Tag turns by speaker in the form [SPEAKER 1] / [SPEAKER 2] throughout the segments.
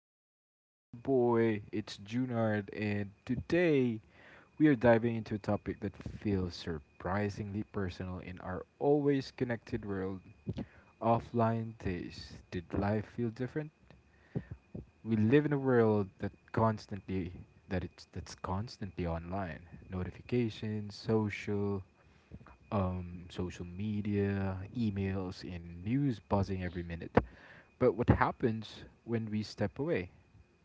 [SPEAKER 1] Once again, this is your boy, it's Junard, and today we are diving into a topic that feels surprisingly personal in our always connected world. Offline days. Did life feel different? We live in a world that's constantly online. Notifications, social media, emails, and news buzzing every minute. But what happens when we step away?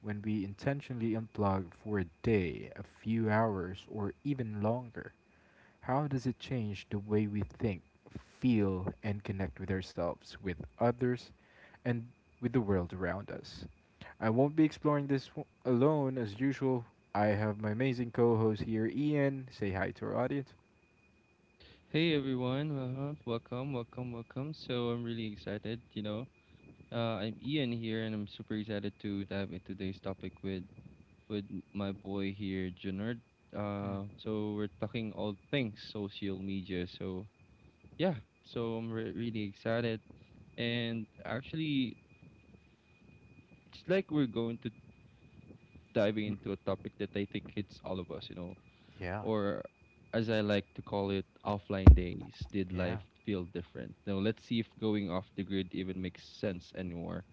[SPEAKER 1] When we intentionally unplug for a day, a few hours, or even longer? How does it change the way we think, feel, and connect with ourselves, with others, and with the world around us? I won't be exploring this alone as usual. I have my amazing co host here, Ian. Say hi to our audience.
[SPEAKER 2] Hey everyone, welcome, welcome, welcome. So I'm really excited. I'm Ian here, and I'm super excited to dive into today's topic with my boy here, Junard.
[SPEAKER 1] Mm.
[SPEAKER 2] So we're talking all things social media. So yeah, so I'm re really excited, and actually, it's like we're going to diving into a topic that I think hits all of us,
[SPEAKER 1] Yeah,
[SPEAKER 2] or as I like to call it, offline days, did
[SPEAKER 1] yeah.
[SPEAKER 2] life feel different? Now, let's see if going off the grid even makes sense anymore.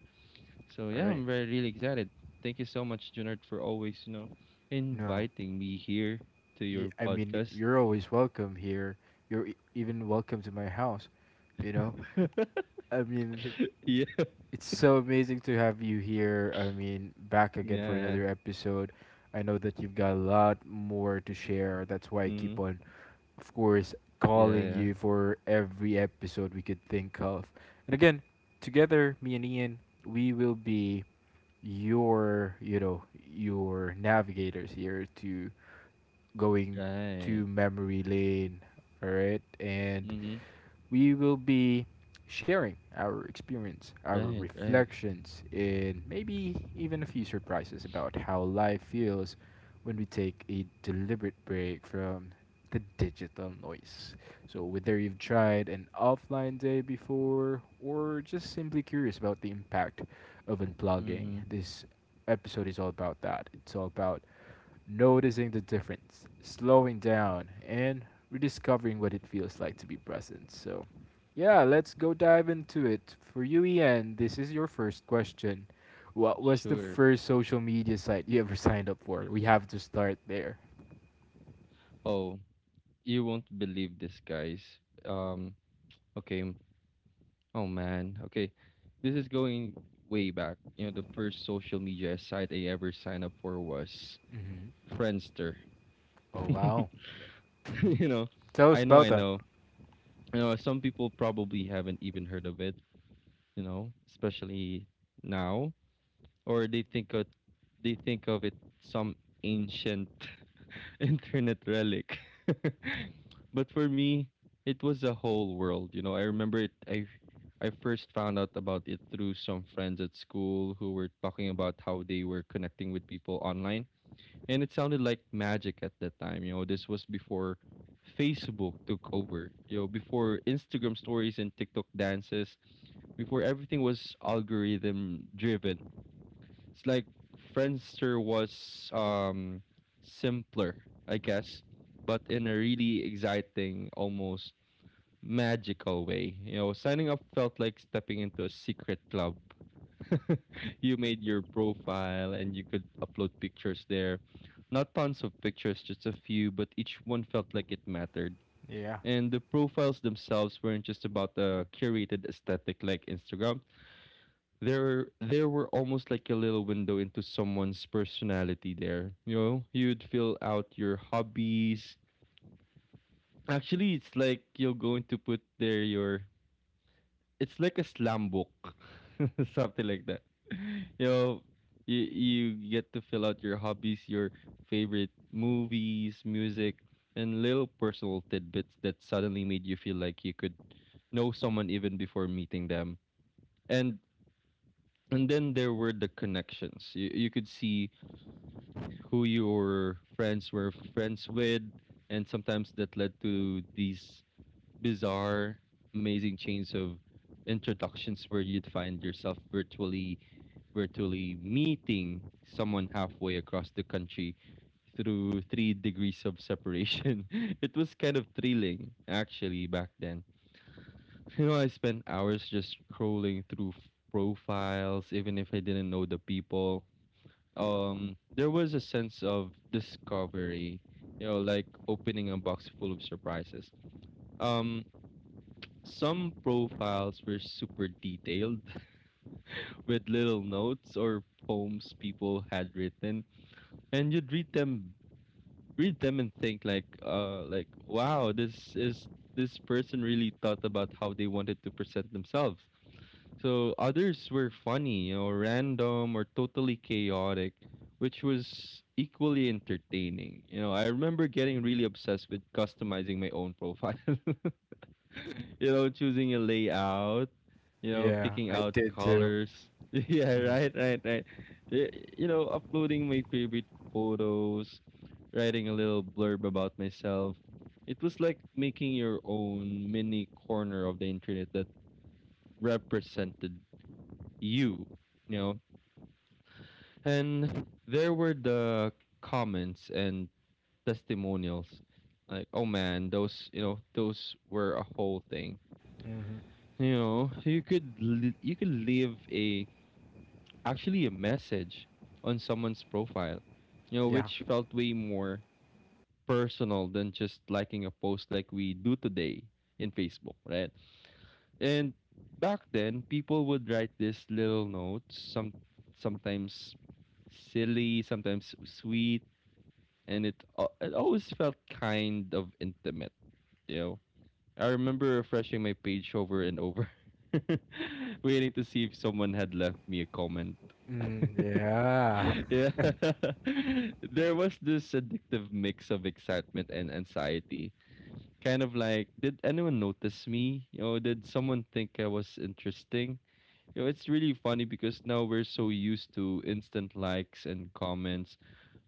[SPEAKER 2] So,
[SPEAKER 1] All
[SPEAKER 2] yeah, I'm
[SPEAKER 1] right.
[SPEAKER 2] very, really excited. Thank you so much, Junard, for always,
[SPEAKER 1] No.
[SPEAKER 2] inviting me here to your
[SPEAKER 1] I mean,
[SPEAKER 2] podcast.
[SPEAKER 1] you're always welcome here. You're even welcome to my house. You know, I mean,
[SPEAKER 2] Yeah,
[SPEAKER 1] it's so amazing to have you here. I mean, back again
[SPEAKER 2] yeah,
[SPEAKER 1] for
[SPEAKER 2] yeah.
[SPEAKER 1] another episode. I know that you've got a lot more to share. That's why I
[SPEAKER 2] Mm-hmm.
[SPEAKER 1] keep on, of course,
[SPEAKER 2] Yeah,
[SPEAKER 1] calling
[SPEAKER 2] yeah.
[SPEAKER 1] you for every episode we could think of. And again, together, me and Ian, we will be your, you know, your navigators here to going
[SPEAKER 2] Right.
[SPEAKER 1] to memory lane. All right. And
[SPEAKER 2] Mm-hmm.
[SPEAKER 1] we will be sharing our experience, our
[SPEAKER 2] Right, right.
[SPEAKER 1] reflections, and maybe even a few surprises about how life feels when we take a deliberate break from the digital noise. So, whether you've tried an offline day before or just simply curious about the impact of unplugging,
[SPEAKER 2] Mm-hmm.
[SPEAKER 1] this episode is all about that. It's all about noticing the difference, slowing down, and rediscovering what it feels like to be present. So, yeah, let's go dive into it. For you, Ian, this is your first question. What was
[SPEAKER 2] Sure.
[SPEAKER 1] the first social media site you ever signed up for? We have to start there.
[SPEAKER 2] Oh, you won't believe this, guys. Um, okay. Oh man, okay. This is going way back. The first social media site I ever signed up for was
[SPEAKER 1] Hmm.
[SPEAKER 2] Friendster.
[SPEAKER 1] Oh wow. hmm
[SPEAKER 2] you know,
[SPEAKER 1] Tell us
[SPEAKER 2] I know,
[SPEAKER 1] about
[SPEAKER 2] I
[SPEAKER 1] that.
[SPEAKER 2] know. Some people probably haven't even heard of it. Especially now, or they think of it some ancient internet relic. But for me, it was a whole world. I remember it. I first found out about it through some friends at school who were talking about how they were connecting with people online, and it sounded like magic at that time. This was before Facebook took over. Before Instagram stories and TikTok dances, before everything was algorithm driven. It's like Friendster was simpler, I guess, but in a really exciting, almost magical way. Signing up felt like stepping into a secret club. You made your profile and you could upload pictures there. Not tons of pictures, just a few, but each one felt like it mattered.
[SPEAKER 1] Yeah.
[SPEAKER 2] And the profiles themselves weren't just about a curated aesthetic like Instagram. There were almost like a little window into someone's personality there. You'd fill out your hobbies. Actually, it's like you're going to put there your. It's like a slam book, something like that. You know, you get to fill out your hobbies, your favorite movies, music, and little personal tidbits that suddenly made you feel like you could know someone even before meeting them. And and then there were the connections. You could see who your friends were friends with, and sometimes that led to these bizarre, amazing chains of introductions where you'd find yourself virtually meeting someone halfway across the country through three degrees of separation. It was kind of thrilling actually back then. I spent hours just scrolling through profiles, even if I didn't know the people. There was a sense of discovery, like opening a box full of surprises um some profiles were super detailed, with little notes or poems people had written, and you'd read them and think like wow, this person really thought about how they wanted to present themselves. So others were funny, random or totally chaotic, which was equally entertaining. I remember getting really obsessed with customizing my own profile, choosing a layout,
[SPEAKER 1] Yeah, I
[SPEAKER 2] picking
[SPEAKER 1] did
[SPEAKER 2] out
[SPEAKER 1] too.
[SPEAKER 2] colors.
[SPEAKER 1] Hmm.
[SPEAKER 2] yeah, right, right, right. Y- uploading my favorite photos, writing a little blurb about myself. It was like making your own mini corner of the internet that represented you, you know. And there were the comments and testimonials. Like, oh man, those were a whole thing.
[SPEAKER 1] Mm-hmm.
[SPEAKER 2] You could you could leave a actually a message on someone's profile,
[SPEAKER 1] Yeah.
[SPEAKER 2] which felt way more personal than just liking a post like we do today in Facebook, right? And back then, people would write these little notes, sometimes silly, sometimes sweet, and it always felt kind of intimate. You know, I remember refreshing my page over and over, waiting to see if someone had left me a comment.
[SPEAKER 1] Mm, yeah.
[SPEAKER 2] Yeah, there was this addictive mix of excitement and anxiety. Kind of like, did anyone notice me? Did someone think I was interesting? It's really funny because now we're so used to instant likes and comments.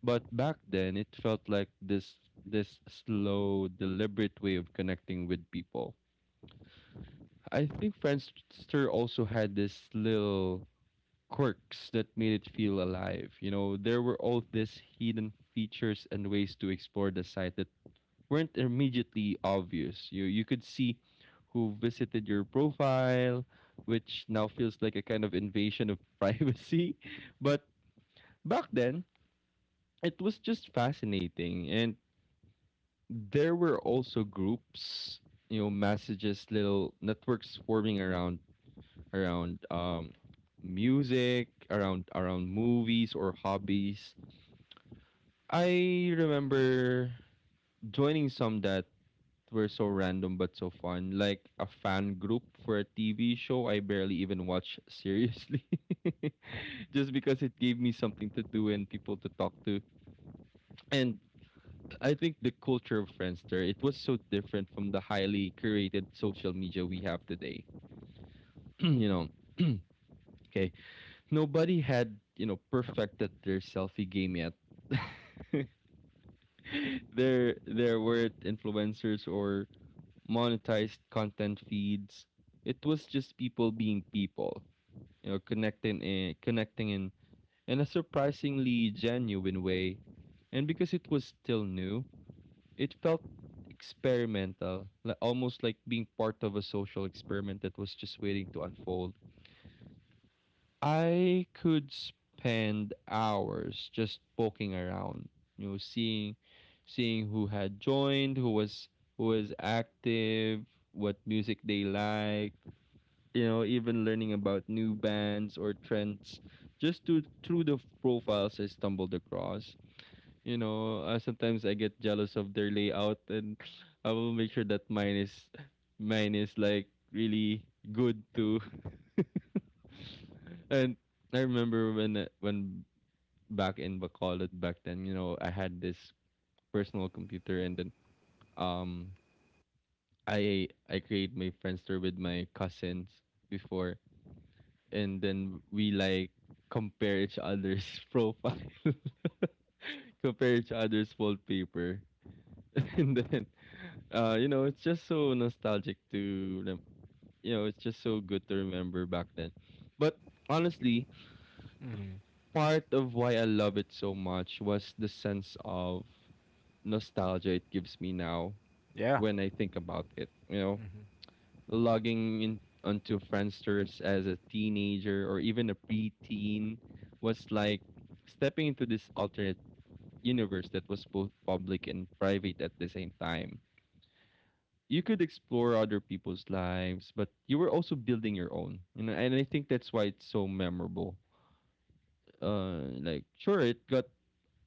[SPEAKER 2] But back then, it felt like this slow, deliberate way of connecting with people. I think Friendster also had this little quirks that made it feel alive. There were all these hidden features and ways to explore the site that weren't immediately obvious. You could see who visited your profile, which now feels like a kind of invasion of privacy. But back then, it was just fascinating, and there were also groups, messages, little networks forming around music, around movies or hobbies. I remember joining some that were so random but so fun, like a fan group for a TV show I barely even watch seriously. Just because it gave me something to do and people to talk to. And I think the culture of Friendster, it was so different from the highly curated social media we have today. you know, okay, nobody had perfected their selfie game yet. There weren't influencers or monetized content feeds. It was just people being people, connecting in a surprisingly genuine way. And because it was still new, it felt experimental, almost like being part of a social experiment that was just waiting to unfold. I could spend hours just poking around, you know, seeing seeing who had joined, who was active, what music they liked, even learning about new bands or trends just to, through the profiles I stumbled across. Sometimes I get jealous of their layout, and I will make sure that mine is like really good too. And I remember when back in Bacolod back then, I had this personal computer, and then um I create my Friendster with my cousins before, and then we like compare each other's profile, compare each other's wallpaper, and then it's just so nostalgic to rem- you know It's just so good to remember back then. But honestly,
[SPEAKER 1] Hmm.
[SPEAKER 2] part of why I love it so much was the sense of nostalgia it gives me now
[SPEAKER 1] Yeah.
[SPEAKER 2] when I think about it. Logging in onto Friendsters as a teenager or even a preteen was like stepping into this alternate universe that was both public and private at the same time. You could explore other people's lives, but you were also building your own. And I think that's why it's so memorable. Like sure, it got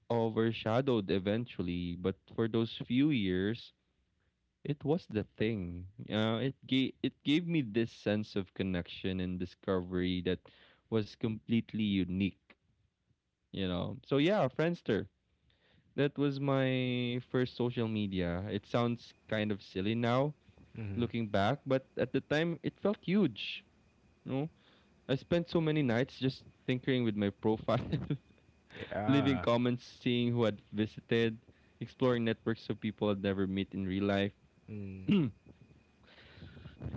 [SPEAKER 2] overshadowed eventually, but for those few years, it was the thing. It gave me this sense of connection and discovery that was completely unique. So yeah, Friendster. That was my first social media. It sounds kind of silly now,
[SPEAKER 1] Mm,
[SPEAKER 2] looking back, but at the time it felt huge. No, I spent so many nights just tinkering with my profile, leaving
[SPEAKER 1] yeah.
[SPEAKER 2] comments, seeing who had visited, exploring networks of people I'd never meet in real life.
[SPEAKER 1] Mm,
[SPEAKER 2] And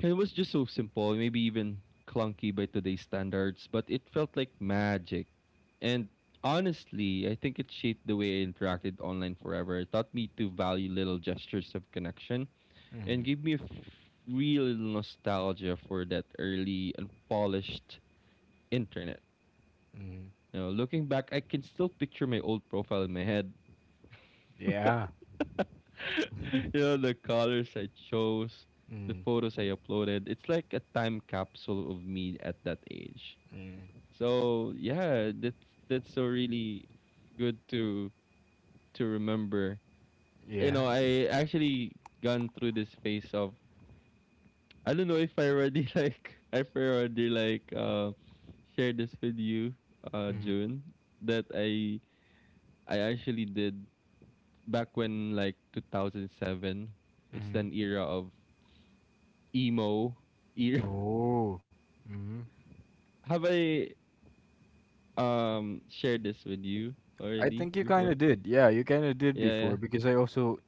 [SPEAKER 2] it was just so simple, maybe even clunky by today's standards, but it felt like magic. And honestly, I think it shaped the way I interacted online forever. It taught me to value little gestures of connection and
[SPEAKER 1] mm,
[SPEAKER 2] gave me real nostalgia for that early, unpolished internet.
[SPEAKER 1] mm.
[SPEAKER 2] Looking back, I can still picture my old profile in my head.
[SPEAKER 1] Yeah.
[SPEAKER 2] The colors I chose, the
[SPEAKER 1] Mm.
[SPEAKER 2] photos I uploaded. It's like a time capsule of me at that age.
[SPEAKER 1] Mm.
[SPEAKER 2] So yeah, that's so really good to remember.
[SPEAKER 1] Yeah.
[SPEAKER 2] I actually gone through this phase of I don't know if I already like if I already like share this with you,
[SPEAKER 1] Mm.
[SPEAKER 2] June, that I actually did back when like 2007. It's
[SPEAKER 1] Mm.
[SPEAKER 2] an era of emo era.
[SPEAKER 1] Oh. Mm.
[SPEAKER 2] Have I shared this with you
[SPEAKER 1] I
[SPEAKER 2] already
[SPEAKER 1] think you kind
[SPEAKER 2] before?
[SPEAKER 1] of did. Yeah, you kind of did
[SPEAKER 2] Yeah,
[SPEAKER 1] before
[SPEAKER 2] yeah,
[SPEAKER 1] because I also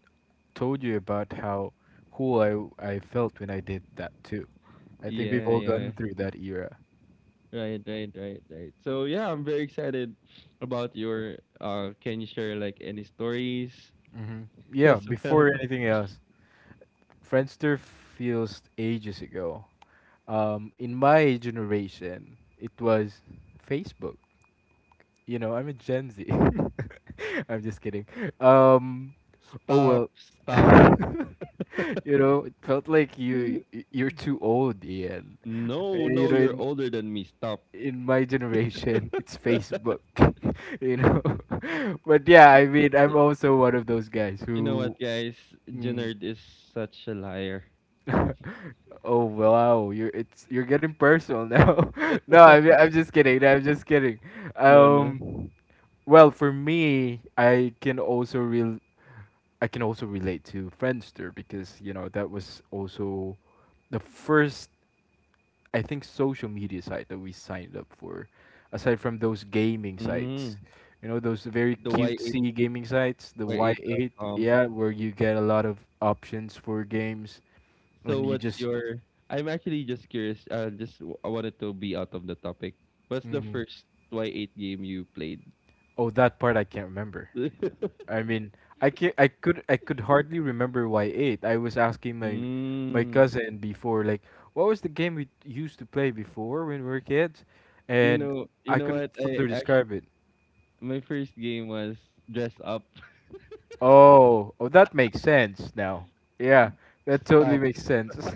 [SPEAKER 1] told you about how cool I felt when I did that too. I think we've
[SPEAKER 2] yeah,
[SPEAKER 1] all gone
[SPEAKER 2] yeah.
[SPEAKER 1] through that era.
[SPEAKER 2] Right, right, right, right. So yeah, I'm very excited. About your Can you share like any stories,
[SPEAKER 1] Hmm. Yeah,
[SPEAKER 2] as well?
[SPEAKER 1] before anything else, Friendster feels ages ago. In my generation, it was Facebook. You know, I'm a Gen Z. I'm just kidding. Um, Oh
[SPEAKER 2] Stop,
[SPEAKER 1] well,
[SPEAKER 2] stop.
[SPEAKER 1] you know, it felt like you're too old, Ian.
[SPEAKER 2] No,
[SPEAKER 1] You know,
[SPEAKER 2] no,
[SPEAKER 1] in
[SPEAKER 2] you're older than me. Stop.
[SPEAKER 1] in my generation, it's Facebook. You know, but yeah, I mean, I'm
[SPEAKER 2] Y-
[SPEAKER 1] also one of those guys
[SPEAKER 2] you know
[SPEAKER 1] who.
[SPEAKER 2] what, guys,
[SPEAKER 1] Mm,
[SPEAKER 2] Jenard is such a liar.
[SPEAKER 1] oh wow, you're getting personal now. No, I'm just kidding. I'm just kidding.
[SPEAKER 2] No, no.
[SPEAKER 1] Um, well, for me, I can also relate to Friendster because you know that was also the first, I think, social media site that we signed up for, aside from those gaming sites.
[SPEAKER 2] Mm,
[SPEAKER 1] You know those very
[SPEAKER 2] the Y8
[SPEAKER 1] cutesy gaming sites, the
[SPEAKER 2] y
[SPEAKER 1] Y
[SPEAKER 2] eight dot
[SPEAKER 1] eight
[SPEAKER 2] com.
[SPEAKER 1] yeah, where you get a lot of options for games,
[SPEAKER 2] So
[SPEAKER 1] and you
[SPEAKER 2] what's
[SPEAKER 1] just,
[SPEAKER 2] your I'm actually just curious. I wanted to be out of the topic. What's the
[SPEAKER 1] mm,
[SPEAKER 2] first Y8 game you played?
[SPEAKER 1] oh, that part I can't remember. I mean, I could hardly remember why eight. I was asking my
[SPEAKER 2] mm,
[SPEAKER 1] cousin before, like, what was the game we used to play before when we were kids,
[SPEAKER 2] you
[SPEAKER 1] and
[SPEAKER 2] know, you
[SPEAKER 1] I
[SPEAKER 2] know
[SPEAKER 1] couldn't
[SPEAKER 2] what? I
[SPEAKER 1] further
[SPEAKER 2] actually
[SPEAKER 1] describe it.
[SPEAKER 2] my first game was dress up.
[SPEAKER 1] Oh, oh, that makes sense now. Yeah, that totally
[SPEAKER 2] Stop.
[SPEAKER 1] makes sense.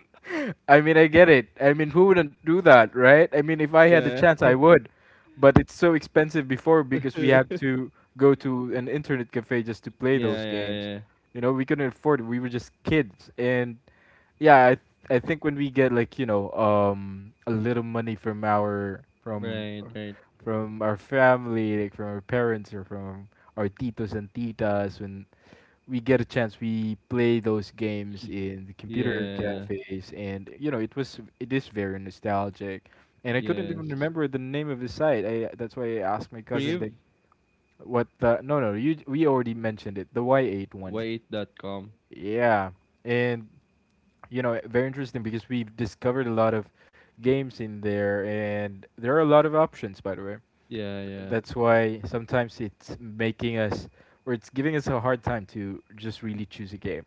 [SPEAKER 1] I mean, I get it. I mean, who wouldn't do that, right? I mean, if I had the
[SPEAKER 2] Yeah.
[SPEAKER 1] chance, I would. But it's so expensive before because we had
[SPEAKER 2] yeah,
[SPEAKER 1] to go to an internet cafe just to play those
[SPEAKER 2] yeah,
[SPEAKER 1] games.
[SPEAKER 2] yeah.
[SPEAKER 1] You know, we couldn't afford it. We were just kids. And yeah, I think when we get, like, you know, a little money from our from
[SPEAKER 2] Right, right.
[SPEAKER 1] from our family, like from our parents or from our titos and titas, when we get a chance, we play those games in the computer
[SPEAKER 2] Yeah.
[SPEAKER 1] cafes, and you know it was, it is very nostalgic, and I couldn't even
[SPEAKER 2] Yes.
[SPEAKER 1] remember the name of the site. I, that's why I asked my cousin
[SPEAKER 2] Priv
[SPEAKER 1] like what the no, no, you we already mentioned it, the Y eight
[SPEAKER 2] y
[SPEAKER 1] one,
[SPEAKER 2] eight dot com.
[SPEAKER 1] yeah, and you know very interesting because we've discovered a lot of games in there, and there are a lot of options, by the way.
[SPEAKER 2] Yeah, yeah.
[SPEAKER 1] That's why sometimes it's making us, or it's giving us a hard time to just really choose a game,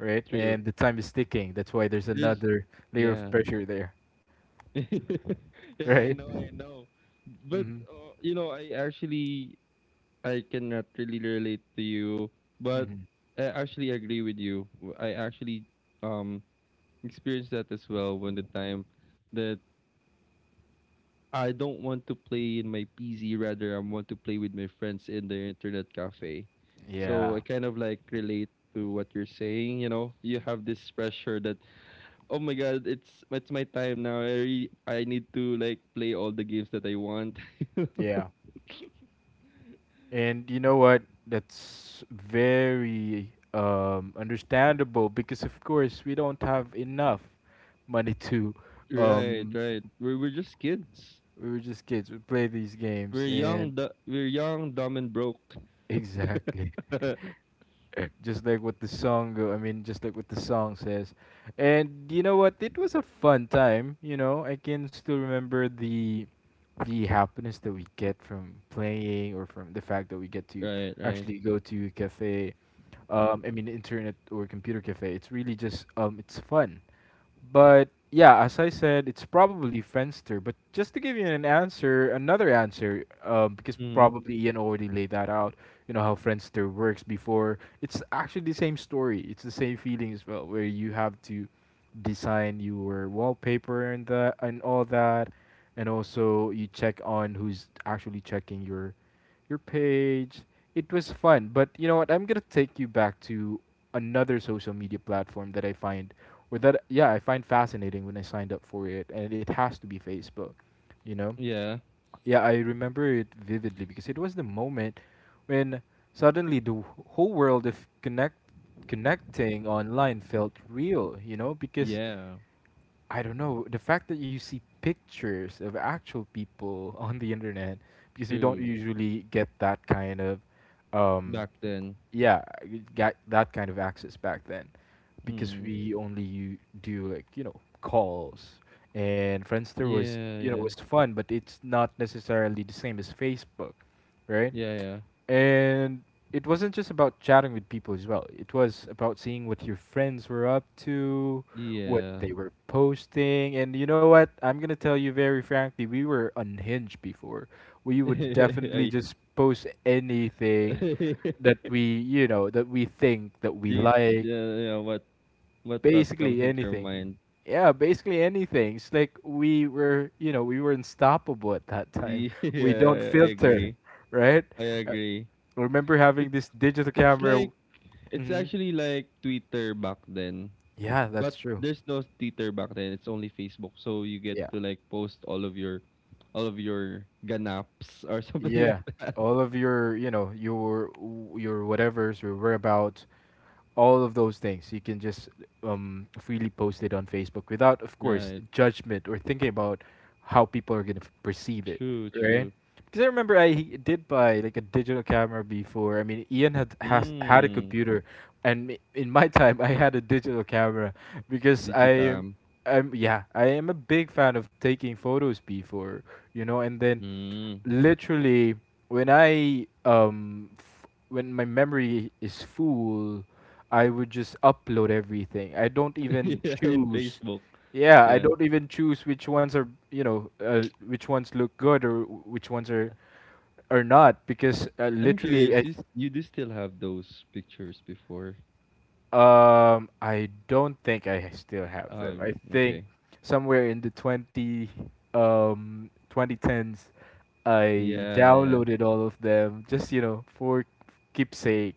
[SPEAKER 1] right?
[SPEAKER 2] True.
[SPEAKER 1] And the time is ticking, that's why there's
[SPEAKER 2] There's
[SPEAKER 1] another layer of
[SPEAKER 2] yeah.
[SPEAKER 1] pressure there.
[SPEAKER 2] Yeah, I
[SPEAKER 1] Right.
[SPEAKER 2] know, I know. But
[SPEAKER 1] Mm-hmm.
[SPEAKER 2] you know, I actually I cannot really relate to you, but
[SPEAKER 1] Mm-hmm.
[SPEAKER 2] I actually agree with you. I actually um experienced that as well when the time that I don't want to play in my PC, rather I want to play with my friends in the internet cafe.
[SPEAKER 1] Yeah,
[SPEAKER 2] So I kind of like relate to what you're saying, you know. You have this pressure that oh my god, it's my time now. I need to like play all the games that I want.
[SPEAKER 1] yeah. And you know what? That's very, understandable because, of course, we don't have enough money to.
[SPEAKER 2] Right,
[SPEAKER 1] Um,
[SPEAKER 2] right. We're just kids.
[SPEAKER 1] we were just kids. We play these games,
[SPEAKER 2] We're
[SPEAKER 1] and
[SPEAKER 2] young. We're young, dumb, and broke.
[SPEAKER 1] exactly,
[SPEAKER 2] Right,
[SPEAKER 1] just like what the song. Go- I mean, just like what the song says. And you know what? It was a fun time. You know, I can still remember the happiness that we get from playing, or from the fact that we get to
[SPEAKER 2] right.
[SPEAKER 1] actually go to a cafe, I mean internet or computer cafe. It's really just, it's fun. But yeah, as I said, it's probably Friendster. But just to give you an answer, another answer, because
[SPEAKER 2] Mm-hmm.
[SPEAKER 1] probably Ian already laid that out. You know how Friendster works before. It's actually the same story. It's the same feeling as well, where you have to design your wallpaper and that and all that, and also you check on who's actually checking your page. It was fun, but you know what? I'm gonna take you back to another social media platform that I find, or that, yeah, I find fascinating when I signed up for it, and it has to be Facebook. You know,
[SPEAKER 2] Yeah,
[SPEAKER 1] yeah, I remember it vividly because it was the moment when suddenly the whole world of connecting online felt real. You know, because
[SPEAKER 2] yeah.
[SPEAKER 1] I don't know, the fact that you see pictures of actual people on the internet, because you don't
[SPEAKER 2] True.
[SPEAKER 1] usually get that kind of, um,
[SPEAKER 2] Back then.
[SPEAKER 1] yeah, you got that kind of access back then, because
[SPEAKER 2] Mm.
[SPEAKER 1] we only do, like, you know, calls, and Friendster was
[SPEAKER 2] Yeah,
[SPEAKER 1] you know
[SPEAKER 2] yeah,
[SPEAKER 1] was fun, but it's not necessarily the same as Facebook, right?
[SPEAKER 2] yeah,
[SPEAKER 1] And it wasn't just about chatting with people as well. It was about seeing what your friends were up to,
[SPEAKER 2] yeah,
[SPEAKER 1] what
[SPEAKER 2] yeah.
[SPEAKER 1] they were posting, and you know what? I'm gonna tell you very frankly, we were unhinged before. We would definitely
[SPEAKER 2] I.
[SPEAKER 1] just post anything that we, you know, that we think that we
[SPEAKER 2] Dude,
[SPEAKER 1] like,
[SPEAKER 2] yeah, yeah. What thought comes
[SPEAKER 1] basically
[SPEAKER 2] into your
[SPEAKER 1] anything.
[SPEAKER 2] mind?
[SPEAKER 1] Yeah, basically anything. It's like we were, you know, we were unstoppable at that time. We don't
[SPEAKER 2] Yeah, I
[SPEAKER 1] filter,
[SPEAKER 2] agree.
[SPEAKER 1] right?
[SPEAKER 2] I agree.
[SPEAKER 1] Remember
[SPEAKER 2] It
[SPEAKER 1] having this digital
[SPEAKER 2] it's
[SPEAKER 1] camera?
[SPEAKER 2] like it's
[SPEAKER 1] Hmm.
[SPEAKER 2] actually like Twitter back then.
[SPEAKER 1] Yeah, that's
[SPEAKER 2] But
[SPEAKER 1] true.
[SPEAKER 2] there's no Twitter back then. It's only Facebook. So you get
[SPEAKER 1] Yeah,
[SPEAKER 2] to like post all of your ganaps or something
[SPEAKER 1] yeah.
[SPEAKER 2] like that.
[SPEAKER 1] All of your, you know, your whatever's, your whereabouts, all of those things you can just, freely post it on Facebook without, of course,
[SPEAKER 2] Right.
[SPEAKER 1] judgment or thinking about how people are going to perceive it,
[SPEAKER 2] True,
[SPEAKER 1] right?
[SPEAKER 2] true.
[SPEAKER 1] Because I remember I did buy like a digital camera before. I mean, Ian had, has, had a
[SPEAKER 2] Mm.
[SPEAKER 1] computer, and in my time I had a digital camera because i
[SPEAKER 2] Digicam.
[SPEAKER 1] I'm yeah, I am a big fan of taking photos before, you know, and then
[SPEAKER 2] Mm.
[SPEAKER 1] literally when I, when my memory is full, I would just upload everything. I don't even
[SPEAKER 2] Yeah, in
[SPEAKER 1] choose.
[SPEAKER 2] Facebook.
[SPEAKER 1] Yeah, I
[SPEAKER 2] Yeah.
[SPEAKER 1] don't even choose which ones are, you know, which ones look good, or which ones are not, because,
[SPEAKER 2] I'm
[SPEAKER 1] literally
[SPEAKER 2] curious,
[SPEAKER 1] I.
[SPEAKER 2] you do still have those pictures before?
[SPEAKER 1] I don't think I still have them.
[SPEAKER 2] Oh,
[SPEAKER 1] I
[SPEAKER 2] okay.
[SPEAKER 1] think somewhere in the 20 2010s I
[SPEAKER 2] Yeah,
[SPEAKER 1] downloaded all of them, just, you know, for keepsake,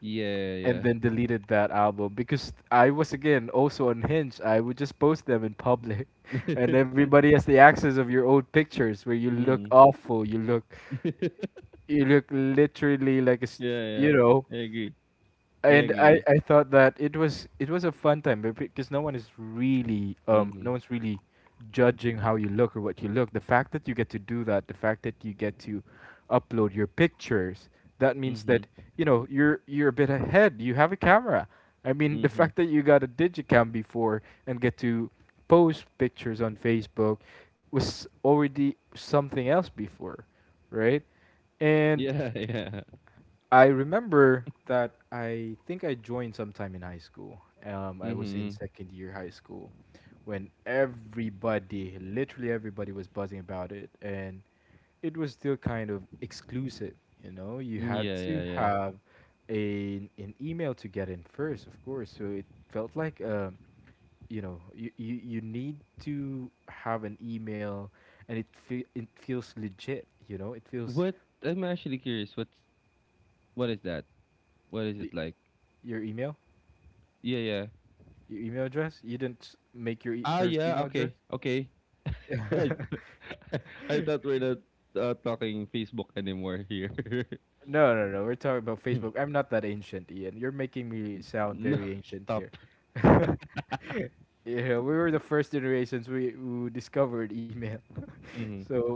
[SPEAKER 2] yeah.
[SPEAKER 1] and
[SPEAKER 2] Yeah,
[SPEAKER 1] then deleted that album because I was again also on Hinge. I would just post them in public
[SPEAKER 2] yeah.
[SPEAKER 1] and everybody has the access of your old pictures where you look
[SPEAKER 2] mm.
[SPEAKER 1] awful, you look you look literally like a
[SPEAKER 2] Yeah, yeah.
[SPEAKER 1] you know,
[SPEAKER 2] I agree. I
[SPEAKER 1] and I,
[SPEAKER 2] agree.
[SPEAKER 1] I thought that it was, it was a fun time, but because no one is really, no
[SPEAKER 2] Mhm.
[SPEAKER 1] one's really judging how you look or what you look. The fact that you get to do that, the fact that you get to upload your pictures, that means
[SPEAKER 2] Mhm.
[SPEAKER 1] that you know you're a bit ahead. You have a camera. I mean, the
[SPEAKER 2] Mhm.
[SPEAKER 1] fact that you got a digicam before and get to post pictures on Facebook was already something else before, right? And
[SPEAKER 2] Yeah, yeah.
[SPEAKER 1] I remember that, I think I joined sometime in high school. I was in
[SPEAKER 2] Mhm.
[SPEAKER 1] second year high school when everybody, literally everybody, was buzzing about it, and it was still kind of exclusive. You know, you
[SPEAKER 2] Mm,
[SPEAKER 1] had
[SPEAKER 2] yeah,
[SPEAKER 1] to
[SPEAKER 2] yeah, yeah.
[SPEAKER 1] have an email to get in first, of course. So it felt like, you know, you need to have an email, and it feels legit. You know, it feels
[SPEAKER 2] What I'm actually curious. What's what is that? What is it
[SPEAKER 1] the,
[SPEAKER 2] like?
[SPEAKER 1] your email.
[SPEAKER 2] Yeah, yeah.
[SPEAKER 1] Your email address? You didn't make
[SPEAKER 2] Ah,
[SPEAKER 1] first
[SPEAKER 2] yeah.
[SPEAKER 1] email address?
[SPEAKER 2] Okay. Okay. I I thought we're not talking Facebook anymore here.
[SPEAKER 1] No, no, no. We're talking about
[SPEAKER 2] Hmm.
[SPEAKER 1] Facebook. I'm not that ancient, Ian. You're making me sound
[SPEAKER 2] No,
[SPEAKER 1] very ancient here.
[SPEAKER 2] stop.
[SPEAKER 1] Yeah, we were the first generations we who discovered email.
[SPEAKER 2] Mhm.
[SPEAKER 1] So,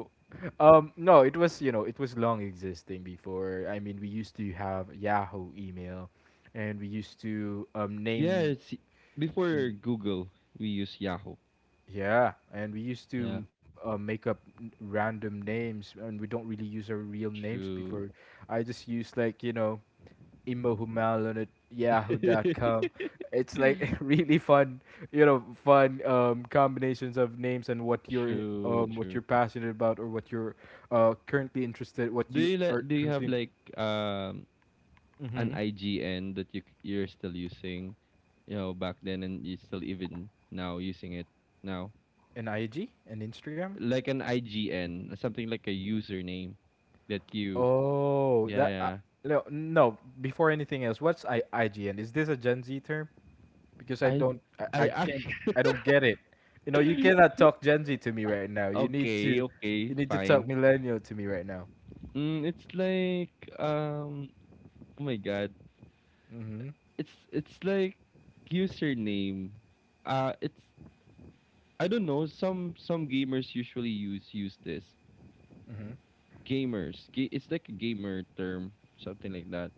[SPEAKER 1] no, it was, you know, it was long existing before. I mean, we used to have Yahoo email, and we used to
[SPEAKER 2] Yeah,
[SPEAKER 1] name.
[SPEAKER 2] it's before
[SPEAKER 1] mm,
[SPEAKER 2] Google, we use Yahoo.
[SPEAKER 1] Yeah, and we used
[SPEAKER 2] Yeah.
[SPEAKER 1] to make up random names, and we don't really use our real names before.
[SPEAKER 2] True.
[SPEAKER 1] I just use like, you know, Imo Humalon@yahoo.com. It's like really fun, you know, fun combinations of names and what
[SPEAKER 2] True,
[SPEAKER 1] what you're
[SPEAKER 2] true.
[SPEAKER 1] passionate about or what you're currently interested, what
[SPEAKER 2] Do
[SPEAKER 1] you
[SPEAKER 2] you
[SPEAKER 1] are
[SPEAKER 2] li- do you have
[SPEAKER 1] currently
[SPEAKER 2] like an
[SPEAKER 1] mm-hmm
[SPEAKER 2] IGN that you're still using, you know, back then and you still even now using it now?
[SPEAKER 1] in IG and Instagram.
[SPEAKER 2] Like an IGN, something like a username that you
[SPEAKER 1] Oh,
[SPEAKER 2] yeah,
[SPEAKER 1] that
[SPEAKER 2] yeah.
[SPEAKER 1] no, no. Before anything else, what's I IGN? Is this a Gen Z term? Because
[SPEAKER 2] I
[SPEAKER 1] I,
[SPEAKER 2] I
[SPEAKER 1] I can't
[SPEAKER 2] actually
[SPEAKER 1] I don't get it. You know, you cannot talk Gen Z to me right now.
[SPEAKER 2] Okay, okay,
[SPEAKER 1] You need to talk
[SPEAKER 2] fine.
[SPEAKER 1] millennial to me right now.
[SPEAKER 2] Mm, it's like um oh my god.
[SPEAKER 1] Mhm.
[SPEAKER 2] It's like username. It's I don't know, some gamers usually use this.
[SPEAKER 1] Mhm.
[SPEAKER 2] It's like a gamer term, something like that.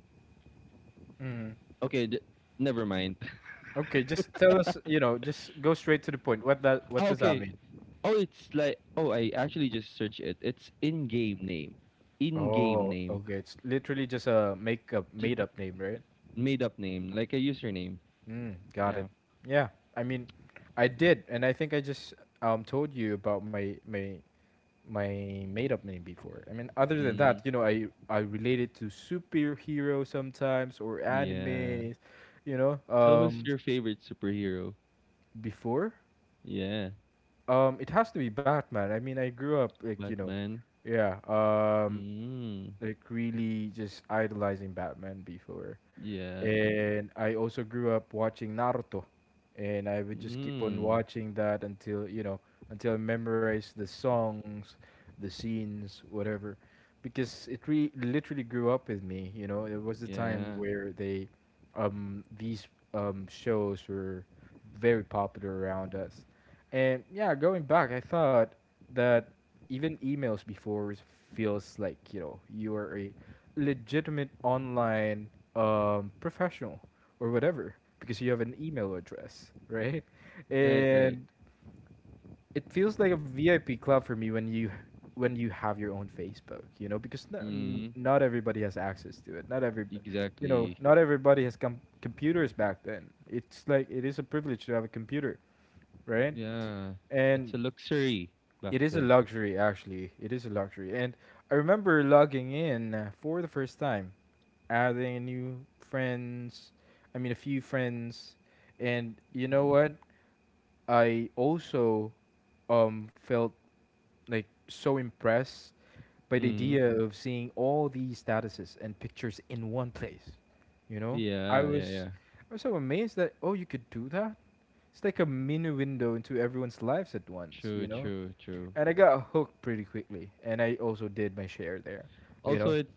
[SPEAKER 1] Mhm.
[SPEAKER 2] Okay, never mind.
[SPEAKER 1] Okay, just tell us, you know, just go straight to the point. What
[SPEAKER 2] Ah,
[SPEAKER 1] does that
[SPEAKER 2] okay.
[SPEAKER 1] mean?
[SPEAKER 2] Oh, it's like oh, I actually just searched it. It's in-game name, in-game
[SPEAKER 1] Oh,
[SPEAKER 2] name,
[SPEAKER 1] okay. It's literally just a make up
[SPEAKER 2] just
[SPEAKER 1] made up name, right?
[SPEAKER 2] made-up name, like a username.
[SPEAKER 1] Mm, got it.
[SPEAKER 2] Yeah.
[SPEAKER 1] Yeah. I mean, I did, and I think I just told you about my made up name before. I mean, other than that,
[SPEAKER 2] Mm,
[SPEAKER 1] you know, I relate it to superhero sometimes or
[SPEAKER 2] yeah.
[SPEAKER 1] animes, you know.
[SPEAKER 2] So, who's your favorite superhero?
[SPEAKER 1] Before,
[SPEAKER 2] Yeah,
[SPEAKER 1] it has to be Batman. I mean, I grew up like, you know,
[SPEAKER 2] Batman.
[SPEAKER 1] yeah,
[SPEAKER 2] Mm,
[SPEAKER 1] like really just idolizing Batman before.
[SPEAKER 2] yeah.
[SPEAKER 1] And I also grew up watching Naruto, and I would just keep on
[SPEAKER 2] Mm,
[SPEAKER 1] watching that until, you know, until I memorized the songs, the scenes, whatever, because literally grew up with me. You know, it was the time
[SPEAKER 2] yeah.
[SPEAKER 1] where these shows were very popular around us, and yeah, going back, I thought that even emails before feels like, you know, you are a legitimate online professional or whatever because you have an email address, right?
[SPEAKER 2] Right, right.
[SPEAKER 1] And it feels like a VIP club for me when you have your own Facebook, you know, because
[SPEAKER 2] Mm,
[SPEAKER 1] not everybody has access to it. Not every, You know,
[SPEAKER 2] exactly.
[SPEAKER 1] not everybody has computers back then. It's like it is a privilege to have a computer, right?
[SPEAKER 2] Yeah. It's
[SPEAKER 1] And
[SPEAKER 2] a luxury
[SPEAKER 1] it
[SPEAKER 2] back
[SPEAKER 1] is a
[SPEAKER 2] then.
[SPEAKER 1] luxury actually. It is a luxury. And I remember logging in for the first time, adding new friends. I mean, a few friends, and you know what? I also felt like so impressed by the
[SPEAKER 2] Mm-hmm.
[SPEAKER 1] idea of seeing all these statuses and pictures in one place. You know, I
[SPEAKER 2] Yeah, yeah,
[SPEAKER 1] was
[SPEAKER 2] yeah.
[SPEAKER 1] I was so amazed that, oh, you could do that. It's like a mini window into everyone's lives at once.
[SPEAKER 2] True,
[SPEAKER 1] You know,
[SPEAKER 2] true, true.
[SPEAKER 1] and I got hooked pretty quickly, and I also did my share there. You
[SPEAKER 2] Also,
[SPEAKER 1] know,
[SPEAKER 2] it's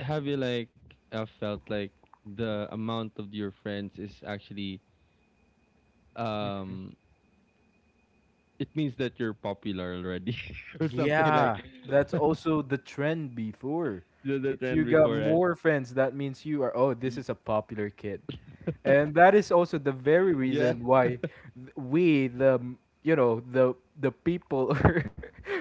[SPEAKER 2] have you like felt like the amount of your friends is actually um it means that you're popular already or something like
[SPEAKER 1] yeah, that's also the trend before.
[SPEAKER 2] the
[SPEAKER 1] If
[SPEAKER 2] trend
[SPEAKER 1] you got
[SPEAKER 2] before right?
[SPEAKER 1] more friends, that means you are, oh, this
[SPEAKER 2] Y-
[SPEAKER 1] is a popular kid. And that is also the very
[SPEAKER 2] Yeah,
[SPEAKER 1] reason why you know, the people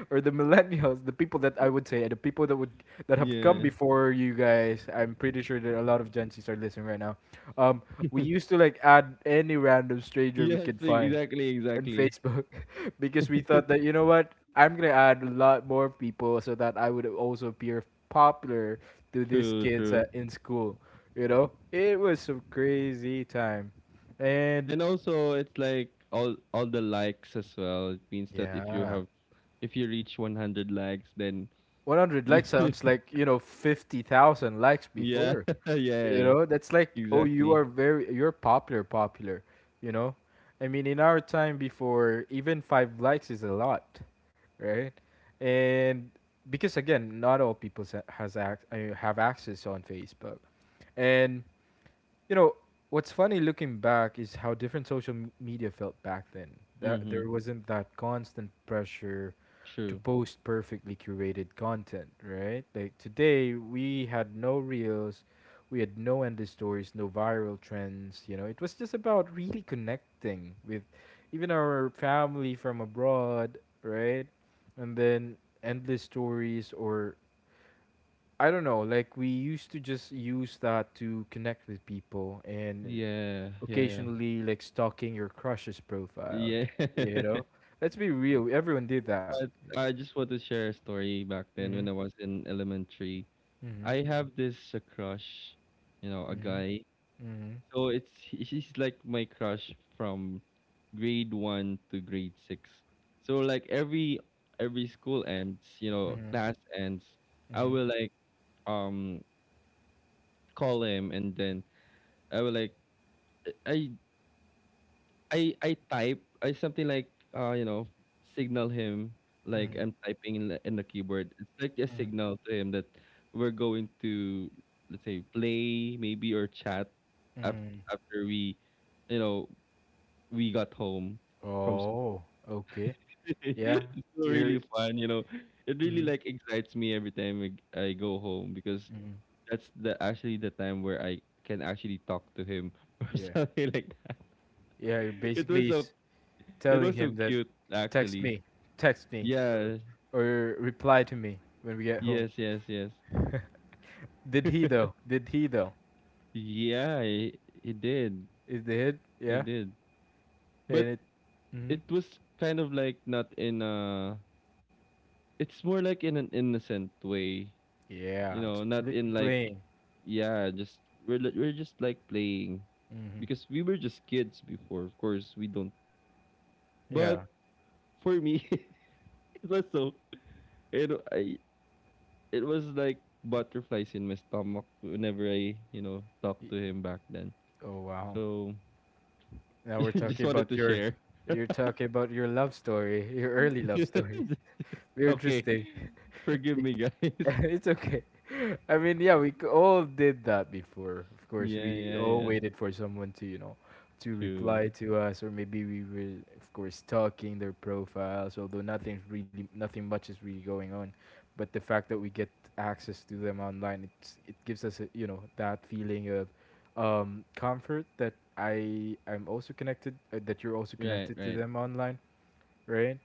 [SPEAKER 1] or the millennials, the people that I would say, the people that would that have come
[SPEAKER 2] yeah.
[SPEAKER 1] before you guys. I'm pretty sure that a lot of Gen Zs are listening right now. Um, we used to like add any random stranger we
[SPEAKER 2] Yes,
[SPEAKER 1] could find
[SPEAKER 2] exactly,
[SPEAKER 1] and
[SPEAKER 2] exactly.
[SPEAKER 1] Facebook because we thought that, you know what, I'm gonna add a lot more people so that I would also appear popular to these
[SPEAKER 2] True,
[SPEAKER 1] kids
[SPEAKER 2] true.
[SPEAKER 1] in school. You know, it was some crazy time, and
[SPEAKER 2] And also, it's like all the likes as well. It means that
[SPEAKER 1] yeah,
[SPEAKER 2] if you reach 100 likes, then
[SPEAKER 1] 100
[SPEAKER 2] you
[SPEAKER 1] likes sounds like, you know, 50,000 likes
[SPEAKER 2] Yeah,
[SPEAKER 1] before. You
[SPEAKER 2] yeah,
[SPEAKER 1] know, that's like, oh, you
[SPEAKER 2] exactly.
[SPEAKER 1] are very, you're popular, popular. You know, I mean, in our time before, even five likes is a lot, right? And because again, not all people I mean, have access on Facebook. And you know, what's funny looking back is how different media felt back then, that
[SPEAKER 2] Mm-hmm.
[SPEAKER 1] there wasn't that constant pressure to
[SPEAKER 2] True.
[SPEAKER 1] post perfectly curated content, right? Like today, we had no reels, we had no endless stories, no viral trends. You know, it was just about really connecting with even our family from abroad, right? And then endless stories, or I don't know, like we used to just use that to connect with people and
[SPEAKER 2] Yeah, yeah, yeah.
[SPEAKER 1] occasionally like stalking your crush's profile,
[SPEAKER 2] Yeah.
[SPEAKER 1] you know? Let's be real, everyone did that.
[SPEAKER 2] But I just want to share a story back then
[SPEAKER 1] Mm-hmm.
[SPEAKER 2] when I was in elementary.
[SPEAKER 1] Mm-hmm.
[SPEAKER 2] I have this crush, you know, a
[SPEAKER 1] Mhm,
[SPEAKER 2] guy.
[SPEAKER 1] mhm,
[SPEAKER 2] So he's like my crush from grade one to grade six. So like every school ends, you know,
[SPEAKER 1] mhm,
[SPEAKER 2] class ends, I
[SPEAKER 1] mhm,
[SPEAKER 2] will like um call him and then I will like I I type I something like you know signal him like
[SPEAKER 1] mhm,
[SPEAKER 2] I'm typing in in the keyboard. It's like a
[SPEAKER 1] mhm,
[SPEAKER 2] signal to him that we're going to let's say play maybe or chat after
[SPEAKER 1] mhm.
[SPEAKER 2] after we you know we got home from school.
[SPEAKER 1] Oh, okay. Yeah,
[SPEAKER 2] It's so
[SPEAKER 1] you're.
[SPEAKER 2] really fun, you know. It really
[SPEAKER 1] Mm-hmm,
[SPEAKER 2] like excites me every time I go home because
[SPEAKER 1] mm-hmm.
[SPEAKER 2] that's the actually the time where I can actually talk to him or
[SPEAKER 1] Yeah,
[SPEAKER 2] something like that.
[SPEAKER 1] yeah.
[SPEAKER 2] It was so it
[SPEAKER 1] Telling
[SPEAKER 2] was so
[SPEAKER 1] him that
[SPEAKER 2] cute,
[SPEAKER 1] text
[SPEAKER 2] actually.
[SPEAKER 1] me, text me,
[SPEAKER 2] Yeah,
[SPEAKER 1] or reply to me when we get home.
[SPEAKER 2] yes, yes, yes.
[SPEAKER 1] Did he though? Did he though?
[SPEAKER 2] It did.
[SPEAKER 1] Is the hit?
[SPEAKER 2] It
[SPEAKER 1] Yeah,
[SPEAKER 2] did.
[SPEAKER 1] and
[SPEAKER 2] But
[SPEAKER 1] it. Mm-hmm.
[SPEAKER 2] it was kind of like not in a it's more like in an innocent way. You
[SPEAKER 1] Yeah,
[SPEAKER 2] know,
[SPEAKER 1] it's
[SPEAKER 2] not
[SPEAKER 1] really
[SPEAKER 2] in like
[SPEAKER 1] playing.
[SPEAKER 2] yeah, just we're just like playing
[SPEAKER 1] Mm-hmm.
[SPEAKER 2] because we were just kids before. Of course, we don't. But
[SPEAKER 1] Yeah.
[SPEAKER 2] for me, it was so it, I it was like butterflies in my stomach whenever you know, talked
[SPEAKER 1] Y-
[SPEAKER 2] to him back then.
[SPEAKER 1] Oh wow.
[SPEAKER 2] So
[SPEAKER 1] Now we're
[SPEAKER 2] just
[SPEAKER 1] talking
[SPEAKER 2] wanted
[SPEAKER 1] about
[SPEAKER 2] to
[SPEAKER 1] your
[SPEAKER 2] share.
[SPEAKER 1] You're talking about your love story, your early love stories. We're
[SPEAKER 2] Okay.
[SPEAKER 1] interesting.
[SPEAKER 2] Forgive
[SPEAKER 1] Be-
[SPEAKER 2] me guys.
[SPEAKER 1] It's okay. I mean, yeah, all did that before. Of course,
[SPEAKER 2] Yeah,
[SPEAKER 1] we
[SPEAKER 2] yeah,
[SPEAKER 1] all
[SPEAKER 2] yeah.
[SPEAKER 1] waited for someone to, you know, to
[SPEAKER 2] True.
[SPEAKER 1] reply to us, or maybe we were, of course, stalking their profiles. Although nothing's really, nothing much is really going on, but the fact that we get access to them online, it gives us, a, you know, that feeling of comfort that I'm also connected, that you're also
[SPEAKER 2] Right,
[SPEAKER 1] connected to
[SPEAKER 2] right.
[SPEAKER 1] them online, right?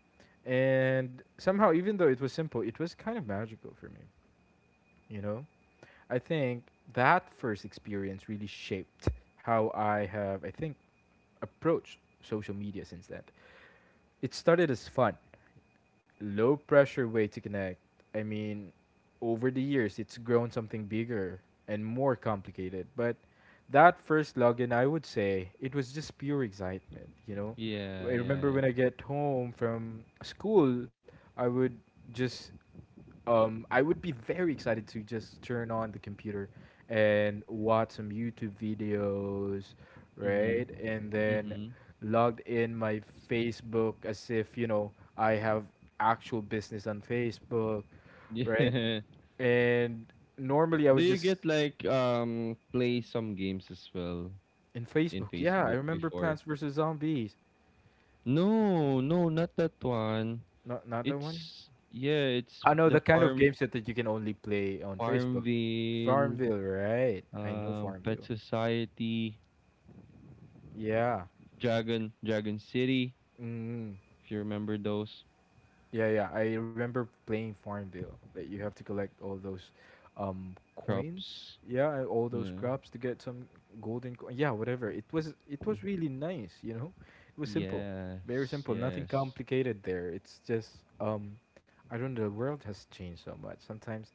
[SPEAKER 1] And somehow, even though it was simple, it was kind of magical for me, you know. I think that first experience really shaped how I have, I think, approached social media since then. It started as fun, low pressure way to connect. I mean, over the years, it's grown something bigger and more complicated. But that first login, I would say, it was just pure excitement, you know? I
[SPEAKER 2] Yeah, yeah,
[SPEAKER 1] remember
[SPEAKER 2] yeah.
[SPEAKER 1] when I get home from school, I would just I would be very excited to just turn on the computer and watch some YouTube videos,
[SPEAKER 2] Mm-hmm.
[SPEAKER 1] right? And then
[SPEAKER 2] Mm-hmm.
[SPEAKER 1] logged in my Facebook as if, you know, I have actual business on Facebook, right?
[SPEAKER 2] Yeah.
[SPEAKER 1] And normally I
[SPEAKER 2] Do
[SPEAKER 1] would
[SPEAKER 2] you
[SPEAKER 1] just
[SPEAKER 2] get like play some games as well
[SPEAKER 1] in
[SPEAKER 2] in
[SPEAKER 1] Facebook. Yeah, I
[SPEAKER 2] Facebook
[SPEAKER 1] remember
[SPEAKER 2] before?
[SPEAKER 1] Plants vs Zombies.
[SPEAKER 2] No, no, not that one.
[SPEAKER 1] Not that one.
[SPEAKER 2] It's yeah, it's
[SPEAKER 1] I know
[SPEAKER 2] the
[SPEAKER 1] the kind of
[SPEAKER 2] farm
[SPEAKER 1] game set that you can only play on Facebook.
[SPEAKER 2] Farmville,
[SPEAKER 1] Farmville, right? I know
[SPEAKER 2] Pet
[SPEAKER 1] Farmville.
[SPEAKER 2] Society,
[SPEAKER 1] Yeah.
[SPEAKER 2] Dragon City,
[SPEAKER 1] Mm.
[SPEAKER 2] if you remember those
[SPEAKER 1] Yeah, yeah. I remember playing Farmville. That you have to collect all those coins.
[SPEAKER 2] crops.
[SPEAKER 1] Yeah, and all those
[SPEAKER 2] Yeah.
[SPEAKER 1] crops to get some golden coin. Yeah, whatever. It
[SPEAKER 2] Mm.
[SPEAKER 1] was really nice, you know? It was simple. Very
[SPEAKER 2] Yes,
[SPEAKER 1] simple. Nothing
[SPEAKER 2] yes.
[SPEAKER 1] complicated there. It's just um I don't know, the world has changed so much. Sometimes